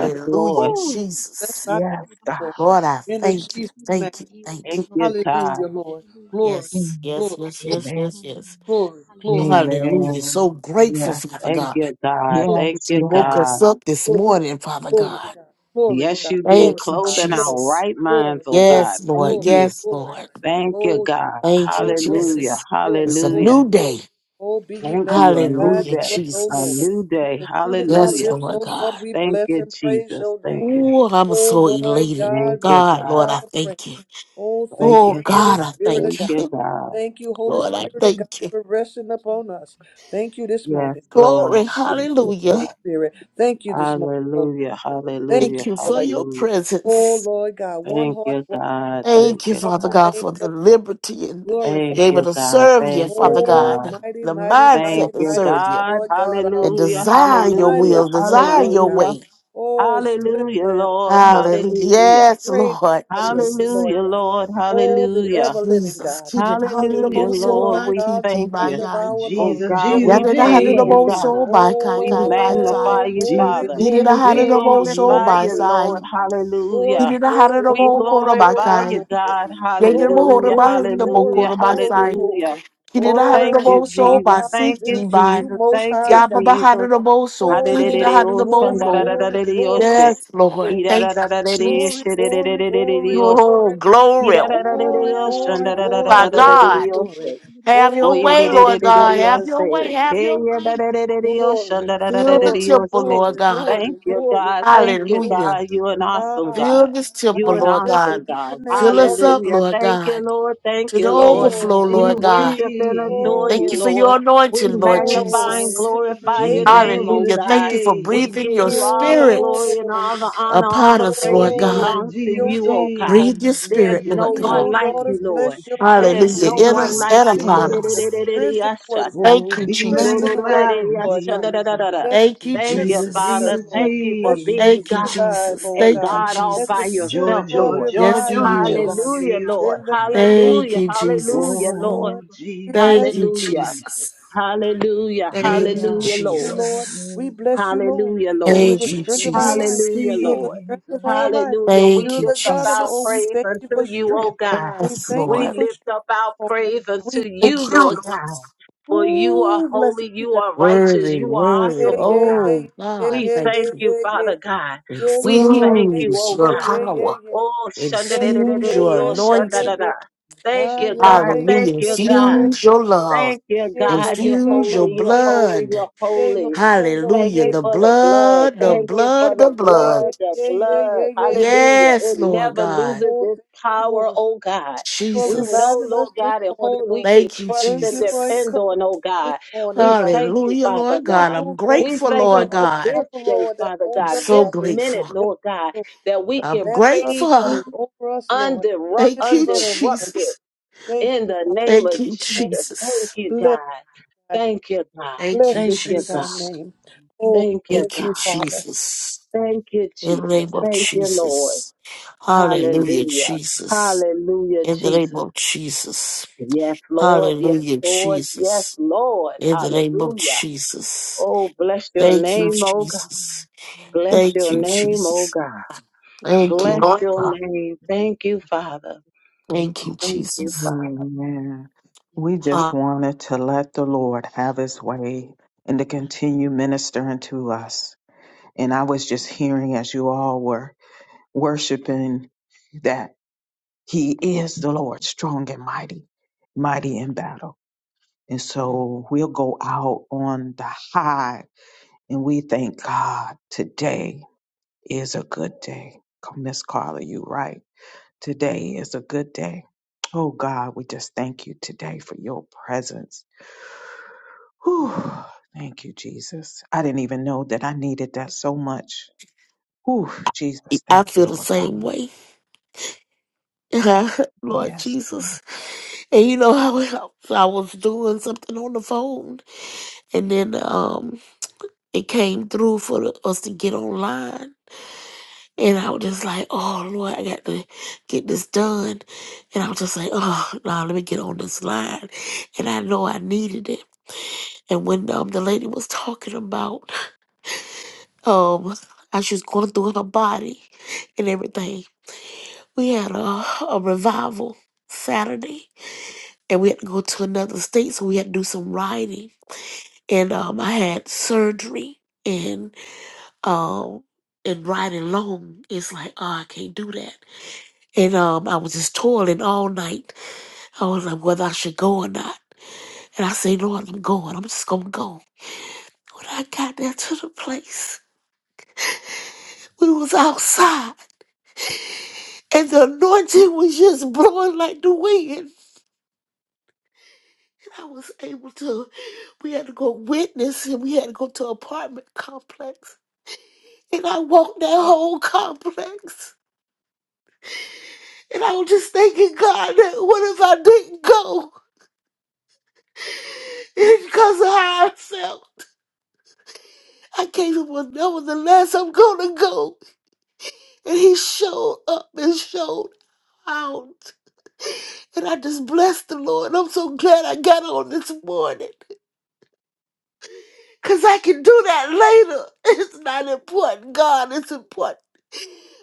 Speaker 6: We
Speaker 3: Lord.
Speaker 6: bless
Speaker 2: Jesus.
Speaker 6: thy name, Lord.
Speaker 2: Lord, I
Speaker 6: In the
Speaker 2: thank you,
Speaker 6: Jesus' name.
Speaker 2: thank you, thank you.
Speaker 3: Thank you, God.
Speaker 6: Hallelujah, Lord. Glory,
Speaker 2: Yes, yes,
Speaker 6: glory,
Speaker 2: yes, yes, yes, yes.
Speaker 6: glory, glory,
Speaker 2: Hallelujah. So grateful, Father
Speaker 3: Thank
Speaker 2: God.
Speaker 3: you, God.
Speaker 6: glory,
Speaker 3: Thank
Speaker 2: You
Speaker 3: you,
Speaker 2: woke us
Speaker 3: God.
Speaker 2: up this
Speaker 6: glory.
Speaker 2: morning, Father
Speaker 6: Glory to
Speaker 2: God.
Speaker 6: God. Glory to
Speaker 3: Yes,
Speaker 6: God.
Speaker 3: you did.
Speaker 6: Glory to
Speaker 2: Thank you,
Speaker 6: God.
Speaker 3: Clothing
Speaker 6: Glory.
Speaker 3: our
Speaker 2: Jesus.
Speaker 3: right minds,
Speaker 6: Glory.
Speaker 3: oh
Speaker 6: Glory.
Speaker 3: God.
Speaker 2: Yes,
Speaker 3: Thank
Speaker 2: Lord.
Speaker 6: Glory.
Speaker 3: you.
Speaker 2: Yes,
Speaker 6: Glory.
Speaker 2: Lord.
Speaker 3: Thank you,
Speaker 6: Oh God.
Speaker 3: God.
Speaker 2: Thank you,
Speaker 6: Oh glory to
Speaker 3: Hallelujah.
Speaker 2: Jesus.
Speaker 6: God. Glory.
Speaker 2: It's a
Speaker 6: Glory.
Speaker 3: Hallelujah.
Speaker 2: new
Speaker 6: Glory.
Speaker 2: day.
Speaker 6: Oh be ye
Speaker 3: Thank you. A new
Speaker 6: magnified
Speaker 2: Hallelujah,
Speaker 6: to
Speaker 3: day.
Speaker 6: us, O
Speaker 3: A
Speaker 6: Lord.
Speaker 2: Jesus.
Speaker 3: new day.
Speaker 6: The fruit of our
Speaker 2: Yes,
Speaker 3: Hallelujah.
Speaker 6: lips,
Speaker 2: Lord
Speaker 6: O
Speaker 2: God.
Speaker 6: Lord, we
Speaker 3: Thank
Speaker 6: bless
Speaker 3: you,
Speaker 6: and praise
Speaker 3: Jesus.
Speaker 6: your
Speaker 3: Thank
Speaker 6: name.
Speaker 3: you.
Speaker 2: Oh, I'm
Speaker 6: O
Speaker 2: so
Speaker 6: Lord
Speaker 2: elated.
Speaker 6: God,
Speaker 3: Thank you,
Speaker 2: God,
Speaker 6: receive
Speaker 3: God.
Speaker 2: Lord,
Speaker 6: our
Speaker 2: I
Speaker 6: praise.
Speaker 2: thank you.
Speaker 6: Oh, thank
Speaker 3: Thank
Speaker 6: you,
Speaker 2: Oh,
Speaker 3: you, God.
Speaker 6: Holy
Speaker 2: God, I
Speaker 6: Spirit of
Speaker 2: thank
Speaker 3: Thank
Speaker 6: God.
Speaker 3: you,
Speaker 2: you.
Speaker 3: God.
Speaker 6: Thank you,
Speaker 2: [laughs]
Speaker 6: Holy
Speaker 2: Lord, I
Speaker 6: Spirit of God,
Speaker 2: thank you.
Speaker 6: for resting upon us. Thank you this
Speaker 3: Yes,
Speaker 6: morning
Speaker 2: Glory,
Speaker 3: Lord.
Speaker 6: this
Speaker 3: Thank you,
Speaker 2: hallelujah.
Speaker 6: morning, Holy
Speaker 3: God.
Speaker 6: Spirit. Thank you this morning, Holy
Speaker 3: Hallelujah.
Speaker 6: Spirit. Thank
Speaker 2: Thank
Speaker 6: you,
Speaker 3: Hallelujah.
Speaker 2: you for
Speaker 6: Lord.
Speaker 2: your
Speaker 3: Hallelujah.
Speaker 6: Oh,
Speaker 2: presence.
Speaker 6: Lord God, one
Speaker 3: Thank
Speaker 6: heart,
Speaker 3: you,
Speaker 6: one
Speaker 3: God.
Speaker 2: Thank
Speaker 6: lifting
Speaker 3: Thank
Speaker 2: you,
Speaker 3: you,
Speaker 6: up
Speaker 2: Father
Speaker 6: the
Speaker 3: God.
Speaker 2: God,
Speaker 6: name
Speaker 2: for the
Speaker 6: of Jesus.
Speaker 2: liberty and
Speaker 6: Glorify.
Speaker 2: be
Speaker 3: Thank
Speaker 2: able
Speaker 3: you,
Speaker 2: to
Speaker 3: God.
Speaker 2: serve you,
Speaker 3: Thank you,
Speaker 2: Father
Speaker 6: Oh,
Speaker 2: God,
Speaker 3: God.
Speaker 6: mighty,
Speaker 2: the
Speaker 6: mighty, mighty,
Speaker 2: mindset
Speaker 3: Thank
Speaker 2: to
Speaker 3: you,
Speaker 6: mighty is
Speaker 2: serve you
Speaker 6: the
Speaker 3: God.
Speaker 6: Lord God
Speaker 2: and
Speaker 6: Almighty.
Speaker 3: Hallelujah.
Speaker 2: desire your
Speaker 6: Mighty
Speaker 3: Hallelujah.
Speaker 6: is
Speaker 2: will,
Speaker 6: the Lord
Speaker 2: desire
Speaker 6: our
Speaker 2: your
Speaker 6: God.
Speaker 3: Hallelujah.
Speaker 2: way.
Speaker 6: Oh, splendor
Speaker 3: Hallelujah,
Speaker 6: and
Speaker 3: Lord.
Speaker 6: wonder, oh
Speaker 2: Hallelujah.
Speaker 3: Hallelujah.
Speaker 2: Yes,
Speaker 6: Great
Speaker 2: Lord
Speaker 6: and mighty are you,
Speaker 2: Jesus.
Speaker 6: Lord
Speaker 3: Hallelujah,
Speaker 6: God.
Speaker 3: Lord.
Speaker 6: Oh, the
Speaker 3: Hallelujah.
Speaker 6: ever living
Speaker 2: Jesus.
Speaker 6: God.
Speaker 2: Kidin handi no
Speaker 3: Hallelujah,
Speaker 2: mo
Speaker 6: Hallelujah,
Speaker 2: so
Speaker 3: Lord.
Speaker 6: Lord
Speaker 2: ba
Speaker 3: We
Speaker 6: God, the
Speaker 2: kiki
Speaker 3: thank
Speaker 2: ba
Speaker 6: breath
Speaker 3: you.
Speaker 6: of
Speaker 2: yai.
Speaker 6: our
Speaker 3: Oh
Speaker 6: lung, the
Speaker 1: Jesus,
Speaker 3: God,
Speaker 6: liver
Speaker 1: Jesus,
Speaker 3: we
Speaker 2: Yanda
Speaker 6: of
Speaker 2: na
Speaker 6: our
Speaker 2: handi
Speaker 3: praise
Speaker 2: no
Speaker 6: soul.
Speaker 3: you,
Speaker 2: mo
Speaker 1: Jesus,
Speaker 3: God.
Speaker 2: so ba kai
Speaker 3: We
Speaker 2: kai ba sai.
Speaker 3: magnify
Speaker 6: Oh,
Speaker 3: you,
Speaker 6: glory,
Speaker 1: Jesus,
Speaker 3: Father.
Speaker 2: Kidin na
Speaker 6: glory,
Speaker 1: Jesus,
Speaker 2: handi
Speaker 3: We
Speaker 2: no
Speaker 6: glory,
Speaker 2: mo so
Speaker 3: glorify
Speaker 6: glory,
Speaker 2: ba
Speaker 1: Jesus,
Speaker 3: you,
Speaker 6: glory.
Speaker 2: sai.
Speaker 3: Lord. Hallelujah.
Speaker 6: Glory,
Speaker 2: Kidin na handi no
Speaker 6: glory,
Speaker 3: We
Speaker 2: mo
Speaker 6: glory,
Speaker 2: koro ba
Speaker 3: glorify
Speaker 6: glory,
Speaker 3: you,
Speaker 2: kai.
Speaker 6: glory.
Speaker 3: God.
Speaker 2: Yanda mo
Speaker 6: Glory,
Speaker 2: horo
Speaker 3: Hallelujah.
Speaker 2: ba
Speaker 6: glory,
Speaker 2: handi no mo
Speaker 6: glory,
Speaker 3: Hallelujah.
Speaker 2: koro ba
Speaker 6: glory,
Speaker 2: sai.
Speaker 3: Hallelujah.
Speaker 6: glory.
Speaker 2: Kirida
Speaker 3: Oh, thank
Speaker 6: Oh, we
Speaker 2: Hadabo
Speaker 3: you,
Speaker 2: so
Speaker 6: bow
Speaker 2: by
Speaker 3: Jesus.
Speaker 6: our
Speaker 3: Thank you,
Speaker 2: Siki
Speaker 6: spirits to
Speaker 2: by
Speaker 6: you,
Speaker 3: Jesus.
Speaker 6: most
Speaker 3: Thank
Speaker 6: high
Speaker 3: you,
Speaker 6: God.
Speaker 2: Yababa
Speaker 3: Jesus.
Speaker 2: Hadabo so Kirida
Speaker 6: Oh,
Speaker 3: Hallelujah.
Speaker 2: Hadabo
Speaker 6: glory,
Speaker 2: go.
Speaker 6: glory, glory,
Speaker 2: Yes, Lord.
Speaker 6: glory.
Speaker 2: Thank you,
Speaker 6: Glory,
Speaker 2: Jesus.
Speaker 6: glory, glory, glory,
Speaker 2: Oh,
Speaker 6: glory.
Speaker 2: glory.
Speaker 6: Glory, glory,
Speaker 2: Oh,
Speaker 6: glory,
Speaker 2: my
Speaker 6: glory,
Speaker 2: God.
Speaker 3: Hallelujah.
Speaker 6: glory.
Speaker 2: Have your
Speaker 6: Oh
Speaker 3: Oye
Speaker 2: way,
Speaker 3: de de
Speaker 6: Lord
Speaker 3: de
Speaker 2: Lord
Speaker 3: de de
Speaker 6: God,
Speaker 3: de,
Speaker 2: God.
Speaker 6: let
Speaker 3: I
Speaker 2: Have
Speaker 6: the
Speaker 2: your
Speaker 3: say,
Speaker 2: way.
Speaker 6: spirit
Speaker 2: Have
Speaker 3: hey
Speaker 2: your
Speaker 3: yeah, da
Speaker 2: way.
Speaker 3: da da da de,
Speaker 6: glory,
Speaker 3: ocean da da da da
Speaker 2: Fill
Speaker 3: da
Speaker 2: the
Speaker 3: de,
Speaker 6: glory,
Speaker 2: temple,
Speaker 3: ocean.
Speaker 2: Lord
Speaker 6: glory,
Speaker 2: God.
Speaker 3: Thank
Speaker 6: glory,
Speaker 3: you,
Speaker 6: glory,
Speaker 3: God. Thank
Speaker 6: glory,
Speaker 3: you,
Speaker 6: glory.
Speaker 2: Hallelujah.
Speaker 3: God. You an awesome
Speaker 6: Ah,
Speaker 3: God.
Speaker 2: Fill this temple,
Speaker 3: You
Speaker 6: ah,
Speaker 3: an
Speaker 2: Lord God.
Speaker 6: blessed
Speaker 3: awesome
Speaker 6: be the
Speaker 3: God.
Speaker 6: name
Speaker 2: Fill us
Speaker 6: of the
Speaker 2: up,
Speaker 6: Lord.
Speaker 3: Hallelujah.
Speaker 2: Lord
Speaker 3: Thank you,
Speaker 2: God,
Speaker 3: Lord. Thank
Speaker 2: to the
Speaker 3: you, Lord.
Speaker 1: Jesus,
Speaker 2: overflow,
Speaker 6: Oh,
Speaker 3: We
Speaker 2: Lord
Speaker 1: Jesus, Jesus,
Speaker 2: God.
Speaker 3: worship and adore
Speaker 2: Thank
Speaker 3: you,
Speaker 2: you for
Speaker 6: oh,
Speaker 3: Lord.
Speaker 2: your
Speaker 3: We
Speaker 2: anointing, Lord
Speaker 3: magnify and
Speaker 2: Jesus.
Speaker 6: oh, we're
Speaker 3: glorify your
Speaker 6: created to
Speaker 1: Jesus,
Speaker 3: name, oh
Speaker 2: Hallelujah.
Speaker 1: Jesus, Jesus,
Speaker 2: Thank
Speaker 3: God.
Speaker 2: you for
Speaker 3: We
Speaker 2: breathing
Speaker 3: give
Speaker 2: your
Speaker 3: you all the
Speaker 6: oh,
Speaker 2: spirit
Speaker 3: glory and
Speaker 6: Lord.
Speaker 3: all the honor, all
Speaker 2: upon
Speaker 3: the
Speaker 2: us,
Speaker 3: praise
Speaker 2: Lord
Speaker 6: oh,
Speaker 2: God.
Speaker 6: we
Speaker 3: belongs to
Speaker 6: your
Speaker 1: Jesus,
Speaker 3: you, oh
Speaker 6: daughters,
Speaker 3: God.
Speaker 6: oh,
Speaker 2: Breathe your
Speaker 1: Jesus,
Speaker 3: There's
Speaker 2: spirit,
Speaker 1: Jesus,
Speaker 3: no
Speaker 2: Lord
Speaker 6: we
Speaker 2: God.
Speaker 3: one
Speaker 6: your
Speaker 1: Jesus,
Speaker 3: like you,
Speaker 6: daughters
Speaker 1: Jesus.
Speaker 3: Lord.
Speaker 6: bless your name
Speaker 3: There's
Speaker 2: Hallelujah.
Speaker 3: no
Speaker 2: In
Speaker 3: one
Speaker 2: us
Speaker 1: Deus,
Speaker 3: like
Speaker 2: and
Speaker 3: you.
Speaker 6: to
Speaker 2: upon us.
Speaker 6: strength and
Speaker 3: Korerererereyashata.
Speaker 6: worship.
Speaker 2: Thank
Speaker 1: oh,
Speaker 2: you,
Speaker 1: be
Speaker 6: strength
Speaker 2: Jesus.
Speaker 6: in the worship,
Speaker 1: magnified, oh,
Speaker 6: Lord God.
Speaker 1: Jesus.
Speaker 3: Irorororereyashadadadadada.
Speaker 6: Let the
Speaker 2: Thank you,
Speaker 3: Thank
Speaker 6: strength
Speaker 3: you,
Speaker 1: Jesus,
Speaker 6: come in
Speaker 2: Jesus.
Speaker 3: Father.
Speaker 6: us,
Speaker 1: Jesus,
Speaker 6: Lord.
Speaker 3: Thank you for
Speaker 6: Let strength
Speaker 3: being
Speaker 2: Thank you,
Speaker 3: God
Speaker 6: revive,
Speaker 2: Jesus.
Speaker 6: oh
Speaker 1: Jesus.
Speaker 3: and
Speaker 2: Thank
Speaker 6: God.
Speaker 2: you,
Speaker 3: God all
Speaker 6: Let the
Speaker 3: by
Speaker 2: Jesus.
Speaker 6: Spirit of
Speaker 3: yourself,
Speaker 6: the
Speaker 1: Jojo,
Speaker 6: Lord
Speaker 3: Lord.
Speaker 2: Yes,
Speaker 6: revive
Speaker 1: Jojo,
Speaker 6: us,
Speaker 2: He
Speaker 6: oh God.
Speaker 2: is.
Speaker 3: Hallelujah,
Speaker 1: Julia
Speaker 3: Lord.
Speaker 6: In the
Speaker 1: Sakaya.
Speaker 6: name of
Speaker 2: Thank
Speaker 3: Hallelujah.
Speaker 2: you,
Speaker 3: Hallelujah,
Speaker 2: Jesus.
Speaker 6: the
Speaker 3: Lord.
Speaker 1: Oh,
Speaker 6: Lord, we
Speaker 1: Jesus,
Speaker 6: bless
Speaker 2: Thank you,
Speaker 1: Jesus,
Speaker 3: Hallelujah.
Speaker 1: Jesus.
Speaker 2: Jesus.
Speaker 3: Hallelujah.
Speaker 1: Do They
Speaker 2: Thank you,
Speaker 3: Hallelujah,
Speaker 6: you,
Speaker 3: Lord.
Speaker 1: say
Speaker 6: Lord.
Speaker 2: Jesus.
Speaker 6: We
Speaker 1: amen.
Speaker 6: bless you, Lord,
Speaker 3: Hallelujah,
Speaker 6: for
Speaker 3: Lord.
Speaker 6: you're the
Speaker 2: Thank you,
Speaker 6: strength
Speaker 1: Jesus,
Speaker 6: of our
Speaker 1: Jesus,
Speaker 6: life.
Speaker 2: Jesus.
Speaker 3: Hallelujah,
Speaker 6: You're the
Speaker 3: Lord.
Speaker 6: strength of our life.
Speaker 1: Jesus.
Speaker 3: Hallelujah. We
Speaker 2: Thank
Speaker 6: You're
Speaker 2: you,
Speaker 6: the
Speaker 3: lift up
Speaker 6: God of our.
Speaker 3: our
Speaker 6: Oh, we
Speaker 2: Jesus.
Speaker 3: praise
Speaker 6: thank you
Speaker 3: unto
Speaker 6: for
Speaker 3: you, O
Speaker 6: strength.
Speaker 3: God.
Speaker 6: We
Speaker 2: Yes,
Speaker 6: thank you
Speaker 3: We
Speaker 2: Lord.
Speaker 6: for
Speaker 3: lift
Speaker 6: strength,
Speaker 3: up our
Speaker 6: Lord.
Speaker 3: praise
Speaker 6: We
Speaker 3: unto
Speaker 6: thank
Speaker 3: you,
Speaker 2: Thank
Speaker 6: you,
Speaker 2: you.
Speaker 3: Lord
Speaker 6: Lord.
Speaker 3: God. For you are
Speaker 6: Ooh, blessed
Speaker 3: holy,
Speaker 6: be
Speaker 3: you
Speaker 6: that.
Speaker 3: are righteous,
Speaker 2: Worthy,
Speaker 3: you are
Speaker 6: Yeah,
Speaker 2: worthy.
Speaker 3: awesome, O
Speaker 6: yeah, yeah,
Speaker 3: God.
Speaker 6: yeah,
Speaker 2: Oh
Speaker 6: yeah,
Speaker 2: God,
Speaker 3: We
Speaker 6: yeah,
Speaker 2: thank
Speaker 6: yeah,
Speaker 3: thank
Speaker 2: you.
Speaker 3: you,
Speaker 6: yeah. yeah.
Speaker 3: Father God.
Speaker 6: Yeah,
Speaker 3: We
Speaker 6: yeah, yeah,
Speaker 3: thank
Speaker 6: yeah,
Speaker 3: you,
Speaker 2: Infuse
Speaker 3: O
Speaker 6: yeah,
Speaker 2: your
Speaker 3: God.
Speaker 6: yeah, yeah,
Speaker 2: power.
Speaker 3: Oh, shanda
Speaker 6: yeah, yeah, yeah,
Speaker 3: da da
Speaker 6: yeah,
Speaker 3: da da da,
Speaker 2: Infuse your
Speaker 3: oh,
Speaker 6: yeah, yeah,
Speaker 3: shanda
Speaker 6: yeah,
Speaker 3: da
Speaker 2: anointing.
Speaker 3: da.
Speaker 6: yeah.
Speaker 3: Thank
Speaker 6: Ah,
Speaker 3: you,
Speaker 6: yeah,
Speaker 3: God.
Speaker 6: yeah, yeah,
Speaker 3: Thank
Speaker 2: Hallelujah.
Speaker 3: you,
Speaker 6: yeah,
Speaker 3: God.
Speaker 6: yeah, yeah,
Speaker 2: Infuse your
Speaker 6: yeah.
Speaker 2: love.
Speaker 3: Thank you,
Speaker 6: Yay,
Speaker 3: God.
Speaker 6: Lord,
Speaker 3: You're
Speaker 6: yay,
Speaker 2: Infuse your
Speaker 6: Lord,
Speaker 3: holy. You're
Speaker 6: yay, Lord,
Speaker 3: holy.
Speaker 2: blood.
Speaker 3: You're
Speaker 6: yay, Lord,
Speaker 3: holy.
Speaker 6: yay, Lord,
Speaker 3: Thank
Speaker 2: Hallelujah.
Speaker 3: you
Speaker 6: yay,
Speaker 2: The
Speaker 3: for
Speaker 6: Lord,
Speaker 3: the blood.
Speaker 2: blood, the
Speaker 6: yay,
Speaker 3: Thank
Speaker 6: Lord,
Speaker 3: you for
Speaker 2: blood, the
Speaker 3: the blood,
Speaker 6: yay,
Speaker 2: blood.
Speaker 6: yay,
Speaker 3: the
Speaker 6: yeah, yeah, yeah,
Speaker 3: blood.
Speaker 6: yeah, yeah, yeah, yeah.
Speaker 3: Hallelujah.
Speaker 2: Yes,
Speaker 3: It
Speaker 2: Lord
Speaker 3: never
Speaker 2: God.
Speaker 3: loses
Speaker 6: Lord,
Speaker 3: its
Speaker 6: thank you,
Speaker 3: power,
Speaker 6: Lord, Thank
Speaker 3: oh God.
Speaker 6: you for
Speaker 3: We
Speaker 2: Jesus.
Speaker 3: know,
Speaker 6: reviving
Speaker 3: Lord
Speaker 6: us this
Speaker 3: God, in
Speaker 6: morning,
Speaker 3: whom we
Speaker 6: Lord.
Speaker 3: can
Speaker 2: Thank you,
Speaker 3: trust
Speaker 6: Thank
Speaker 3: and
Speaker 6: you for
Speaker 2: Jesus.
Speaker 3: depend
Speaker 6: encouraging
Speaker 3: on, oh
Speaker 6: us this
Speaker 3: God.
Speaker 6: morning,
Speaker 3: We
Speaker 6: Father.
Speaker 3: thank you,
Speaker 2: Hallelujah,
Speaker 3: Father
Speaker 6: Oh,
Speaker 2: Lord God.
Speaker 3: God.
Speaker 2: I'm
Speaker 6: thank
Speaker 3: We
Speaker 6: you
Speaker 2: grateful,
Speaker 6: for
Speaker 3: thank
Speaker 6: the
Speaker 2: Lord
Speaker 3: you for
Speaker 6: arm
Speaker 2: God.
Speaker 3: this
Speaker 6: of the
Speaker 3: day,
Speaker 6: Lord that
Speaker 3: Father
Speaker 6: holds
Speaker 2: I'm
Speaker 3: God,
Speaker 6: us up.
Speaker 2: so
Speaker 3: this
Speaker 2: grateful.
Speaker 3: minute,
Speaker 6: Thank
Speaker 3: Lord God,
Speaker 6: you, Lord.
Speaker 3: that we
Speaker 6: The
Speaker 2: I'm
Speaker 3: can
Speaker 6: banner of
Speaker 3: praise
Speaker 6: God
Speaker 2: grateful.
Speaker 3: you
Speaker 6: is over us, Lord.
Speaker 3: undiru-
Speaker 6: His
Speaker 2: Thank you,
Speaker 6: love, Lord.
Speaker 3: undisrupted.
Speaker 2: Jesus.
Speaker 6: Thank
Speaker 3: In
Speaker 6: you,
Speaker 3: the name
Speaker 2: Thank
Speaker 3: of
Speaker 2: you,
Speaker 6: Father.
Speaker 3: Jesus, thank
Speaker 2: Jesus.
Speaker 3: you,
Speaker 6: Bless
Speaker 3: God.
Speaker 6: thy name.
Speaker 3: Thank you, God.
Speaker 2: Thank you,
Speaker 3: Thank
Speaker 6: Blessed be
Speaker 3: you, God.
Speaker 6: thy
Speaker 2: Jesus.
Speaker 6: name. Oh,
Speaker 3: Thank you,
Speaker 2: Thank
Speaker 6: thank
Speaker 2: you,
Speaker 6: you,
Speaker 3: God.
Speaker 6: Father.
Speaker 2: Jesus.
Speaker 3: Thank you,
Speaker 2: In the name
Speaker 3: Jesus.
Speaker 2: of
Speaker 3: Thank you, Lord.
Speaker 2: Jesus. Hallelujah,
Speaker 3: Hallelujah.
Speaker 2: Jesus.
Speaker 3: Hallelujah,
Speaker 2: In the name
Speaker 3: Jesus.
Speaker 2: of Jesus.
Speaker 3: Yes, Lord. Yes,
Speaker 2: Hallelujah,
Speaker 3: Lord. Yes,
Speaker 2: Jesus.
Speaker 3: Lord.
Speaker 2: In the name of
Speaker 3: Hallelujah.
Speaker 2: Jesus.
Speaker 3: Oh, bless your
Speaker 2: Thank you,
Speaker 3: name, oh God.
Speaker 2: Jesus.
Speaker 3: Bless
Speaker 2: Thank
Speaker 3: your
Speaker 2: you,
Speaker 3: name, oh
Speaker 2: Jesus.
Speaker 3: God.
Speaker 2: Thank you,
Speaker 3: Bless
Speaker 2: Lord
Speaker 3: your
Speaker 2: God.
Speaker 3: name. Thank you, Father.
Speaker 2: Thank you,
Speaker 3: Thank you,
Speaker 2: Jesus.
Speaker 3: Father.
Speaker 2: Uh, I feel the same way, [laughs] Lord Jesus. And you know [laughs] how how- so I was doing something on the phone, and then um, it came through for the, us to get online, and I was just like, "Oh Lord, I got to get this done," and I was just like, "Oh no, let me get on this line," and I know I needed it. And when um, the lady was talking about um, how she was going through her body and everything, we had a, a revival Saturday, and we had to go to another state, so we had to do some writing and um, I had surgery and um and riding long is like oh I can't do that and um I was just toiling all night I was like whether I should go or not and I say Lord I'm going I'm just gonna go when I got there to the place we was outside and the anointing was just blowing like the wind and I was able to we had to go witness and we had to go to an apartment complex and I walked that whole complex And I was just thanking God that what if I didn't go? It's because of how I felt. I came up with nevertheless, I'm gonna go. And he showed up and showed out. And I just blessed the Lord. I'm so glad I got on this morning. Cause I can do that later. [laughs] It's not important. God It's important.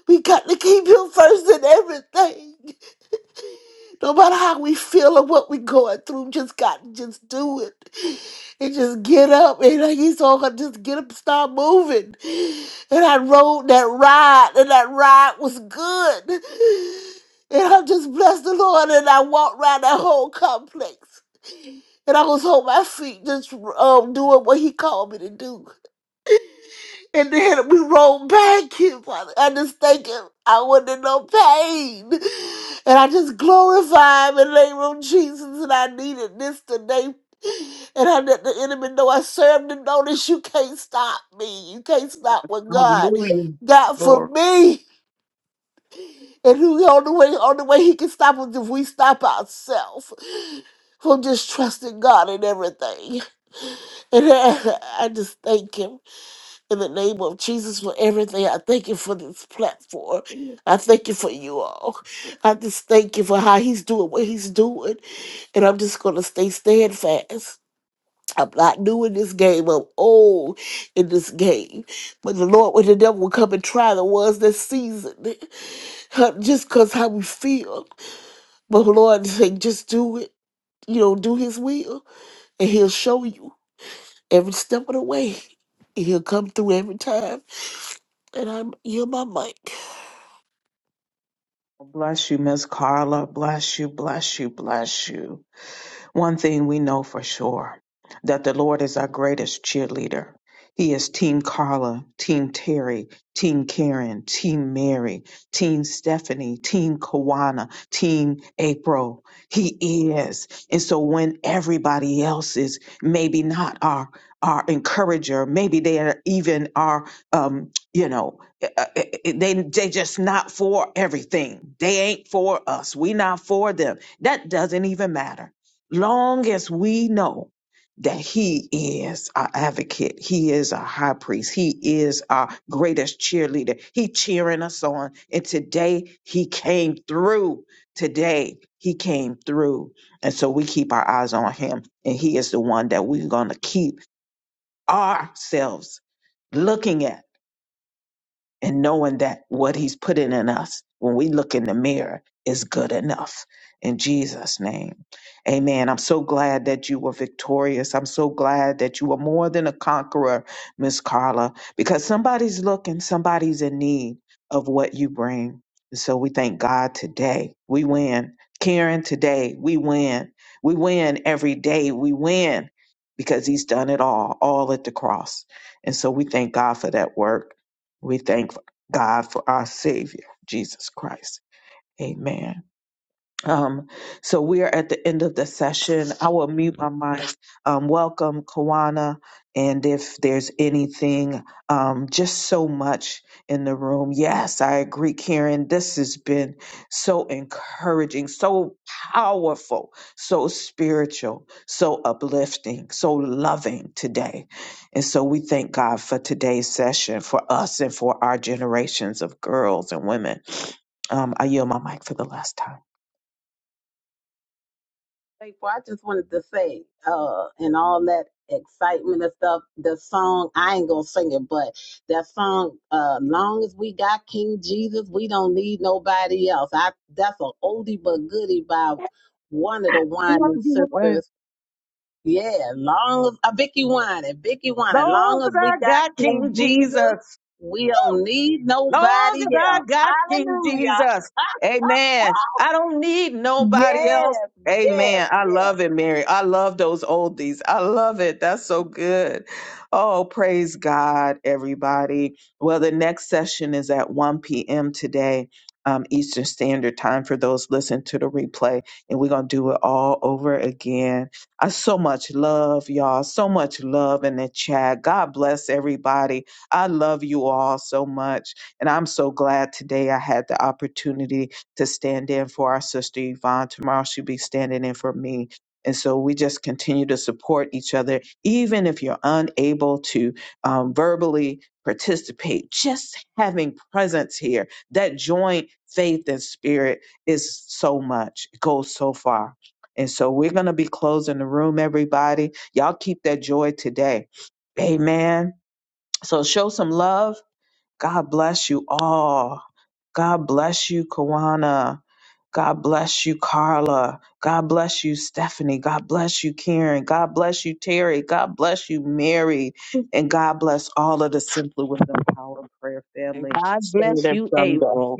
Speaker 2: We got to keep him first in everything. No matter how we feel or what we're going through, just got to just do it. And just get up. And he's all gonna just get up and start moving. And I rode that ride, and that ride was good. And I just blessed the Lord, and I walked around that whole complex. And I was on my feet, just um, doing what he called me to do. And then we rolled back. His, I just thank him. I wasn't in no pain. And I just glorify him in the name of Jesus. And I needed this today. And I let the enemy know I served and notice you can't stop me. You can't stop what
Speaker 5: them.
Speaker 2: God.
Speaker 5: Hallelujah.
Speaker 2: got
Speaker 5: Lord.
Speaker 2: for me. And who the only way only way he can stop us if we stop ourselves from just trusting God in everything. And [laughs] I, I just thank him. In the name of Jesus for everything, I thank you for this platform. I thank you for you all. I just thank you for how he's doing what he's doing. And I'm just going to stay steadfast. I'm not new in this game. I'm old in this game. But the Lord, when the devil will come and try the ones that seasoned, huh, just because how we feel. But Lord, say, just do it. You know, do his will. And he'll show you every step of the way. He'll come through every time. And I'm, you're my mic.
Speaker 3: Faithful, I just wanted to say, uh, and all that excitement and stuff, the song, I ain't gonna sing it, but that song, uh, long as we got King Jesus, we don't need nobody else. I that's an oldie but goodie by one of the Wine sisters. Yeah, long as uh, Vicky Wine, Vicky Wine,
Speaker 5: Lord
Speaker 3: long as we got
Speaker 5: King.
Speaker 3: King Jesus, we don't need nobody else. Hallelujah. [laughs] Yes, yes, yes. And God bless you, April.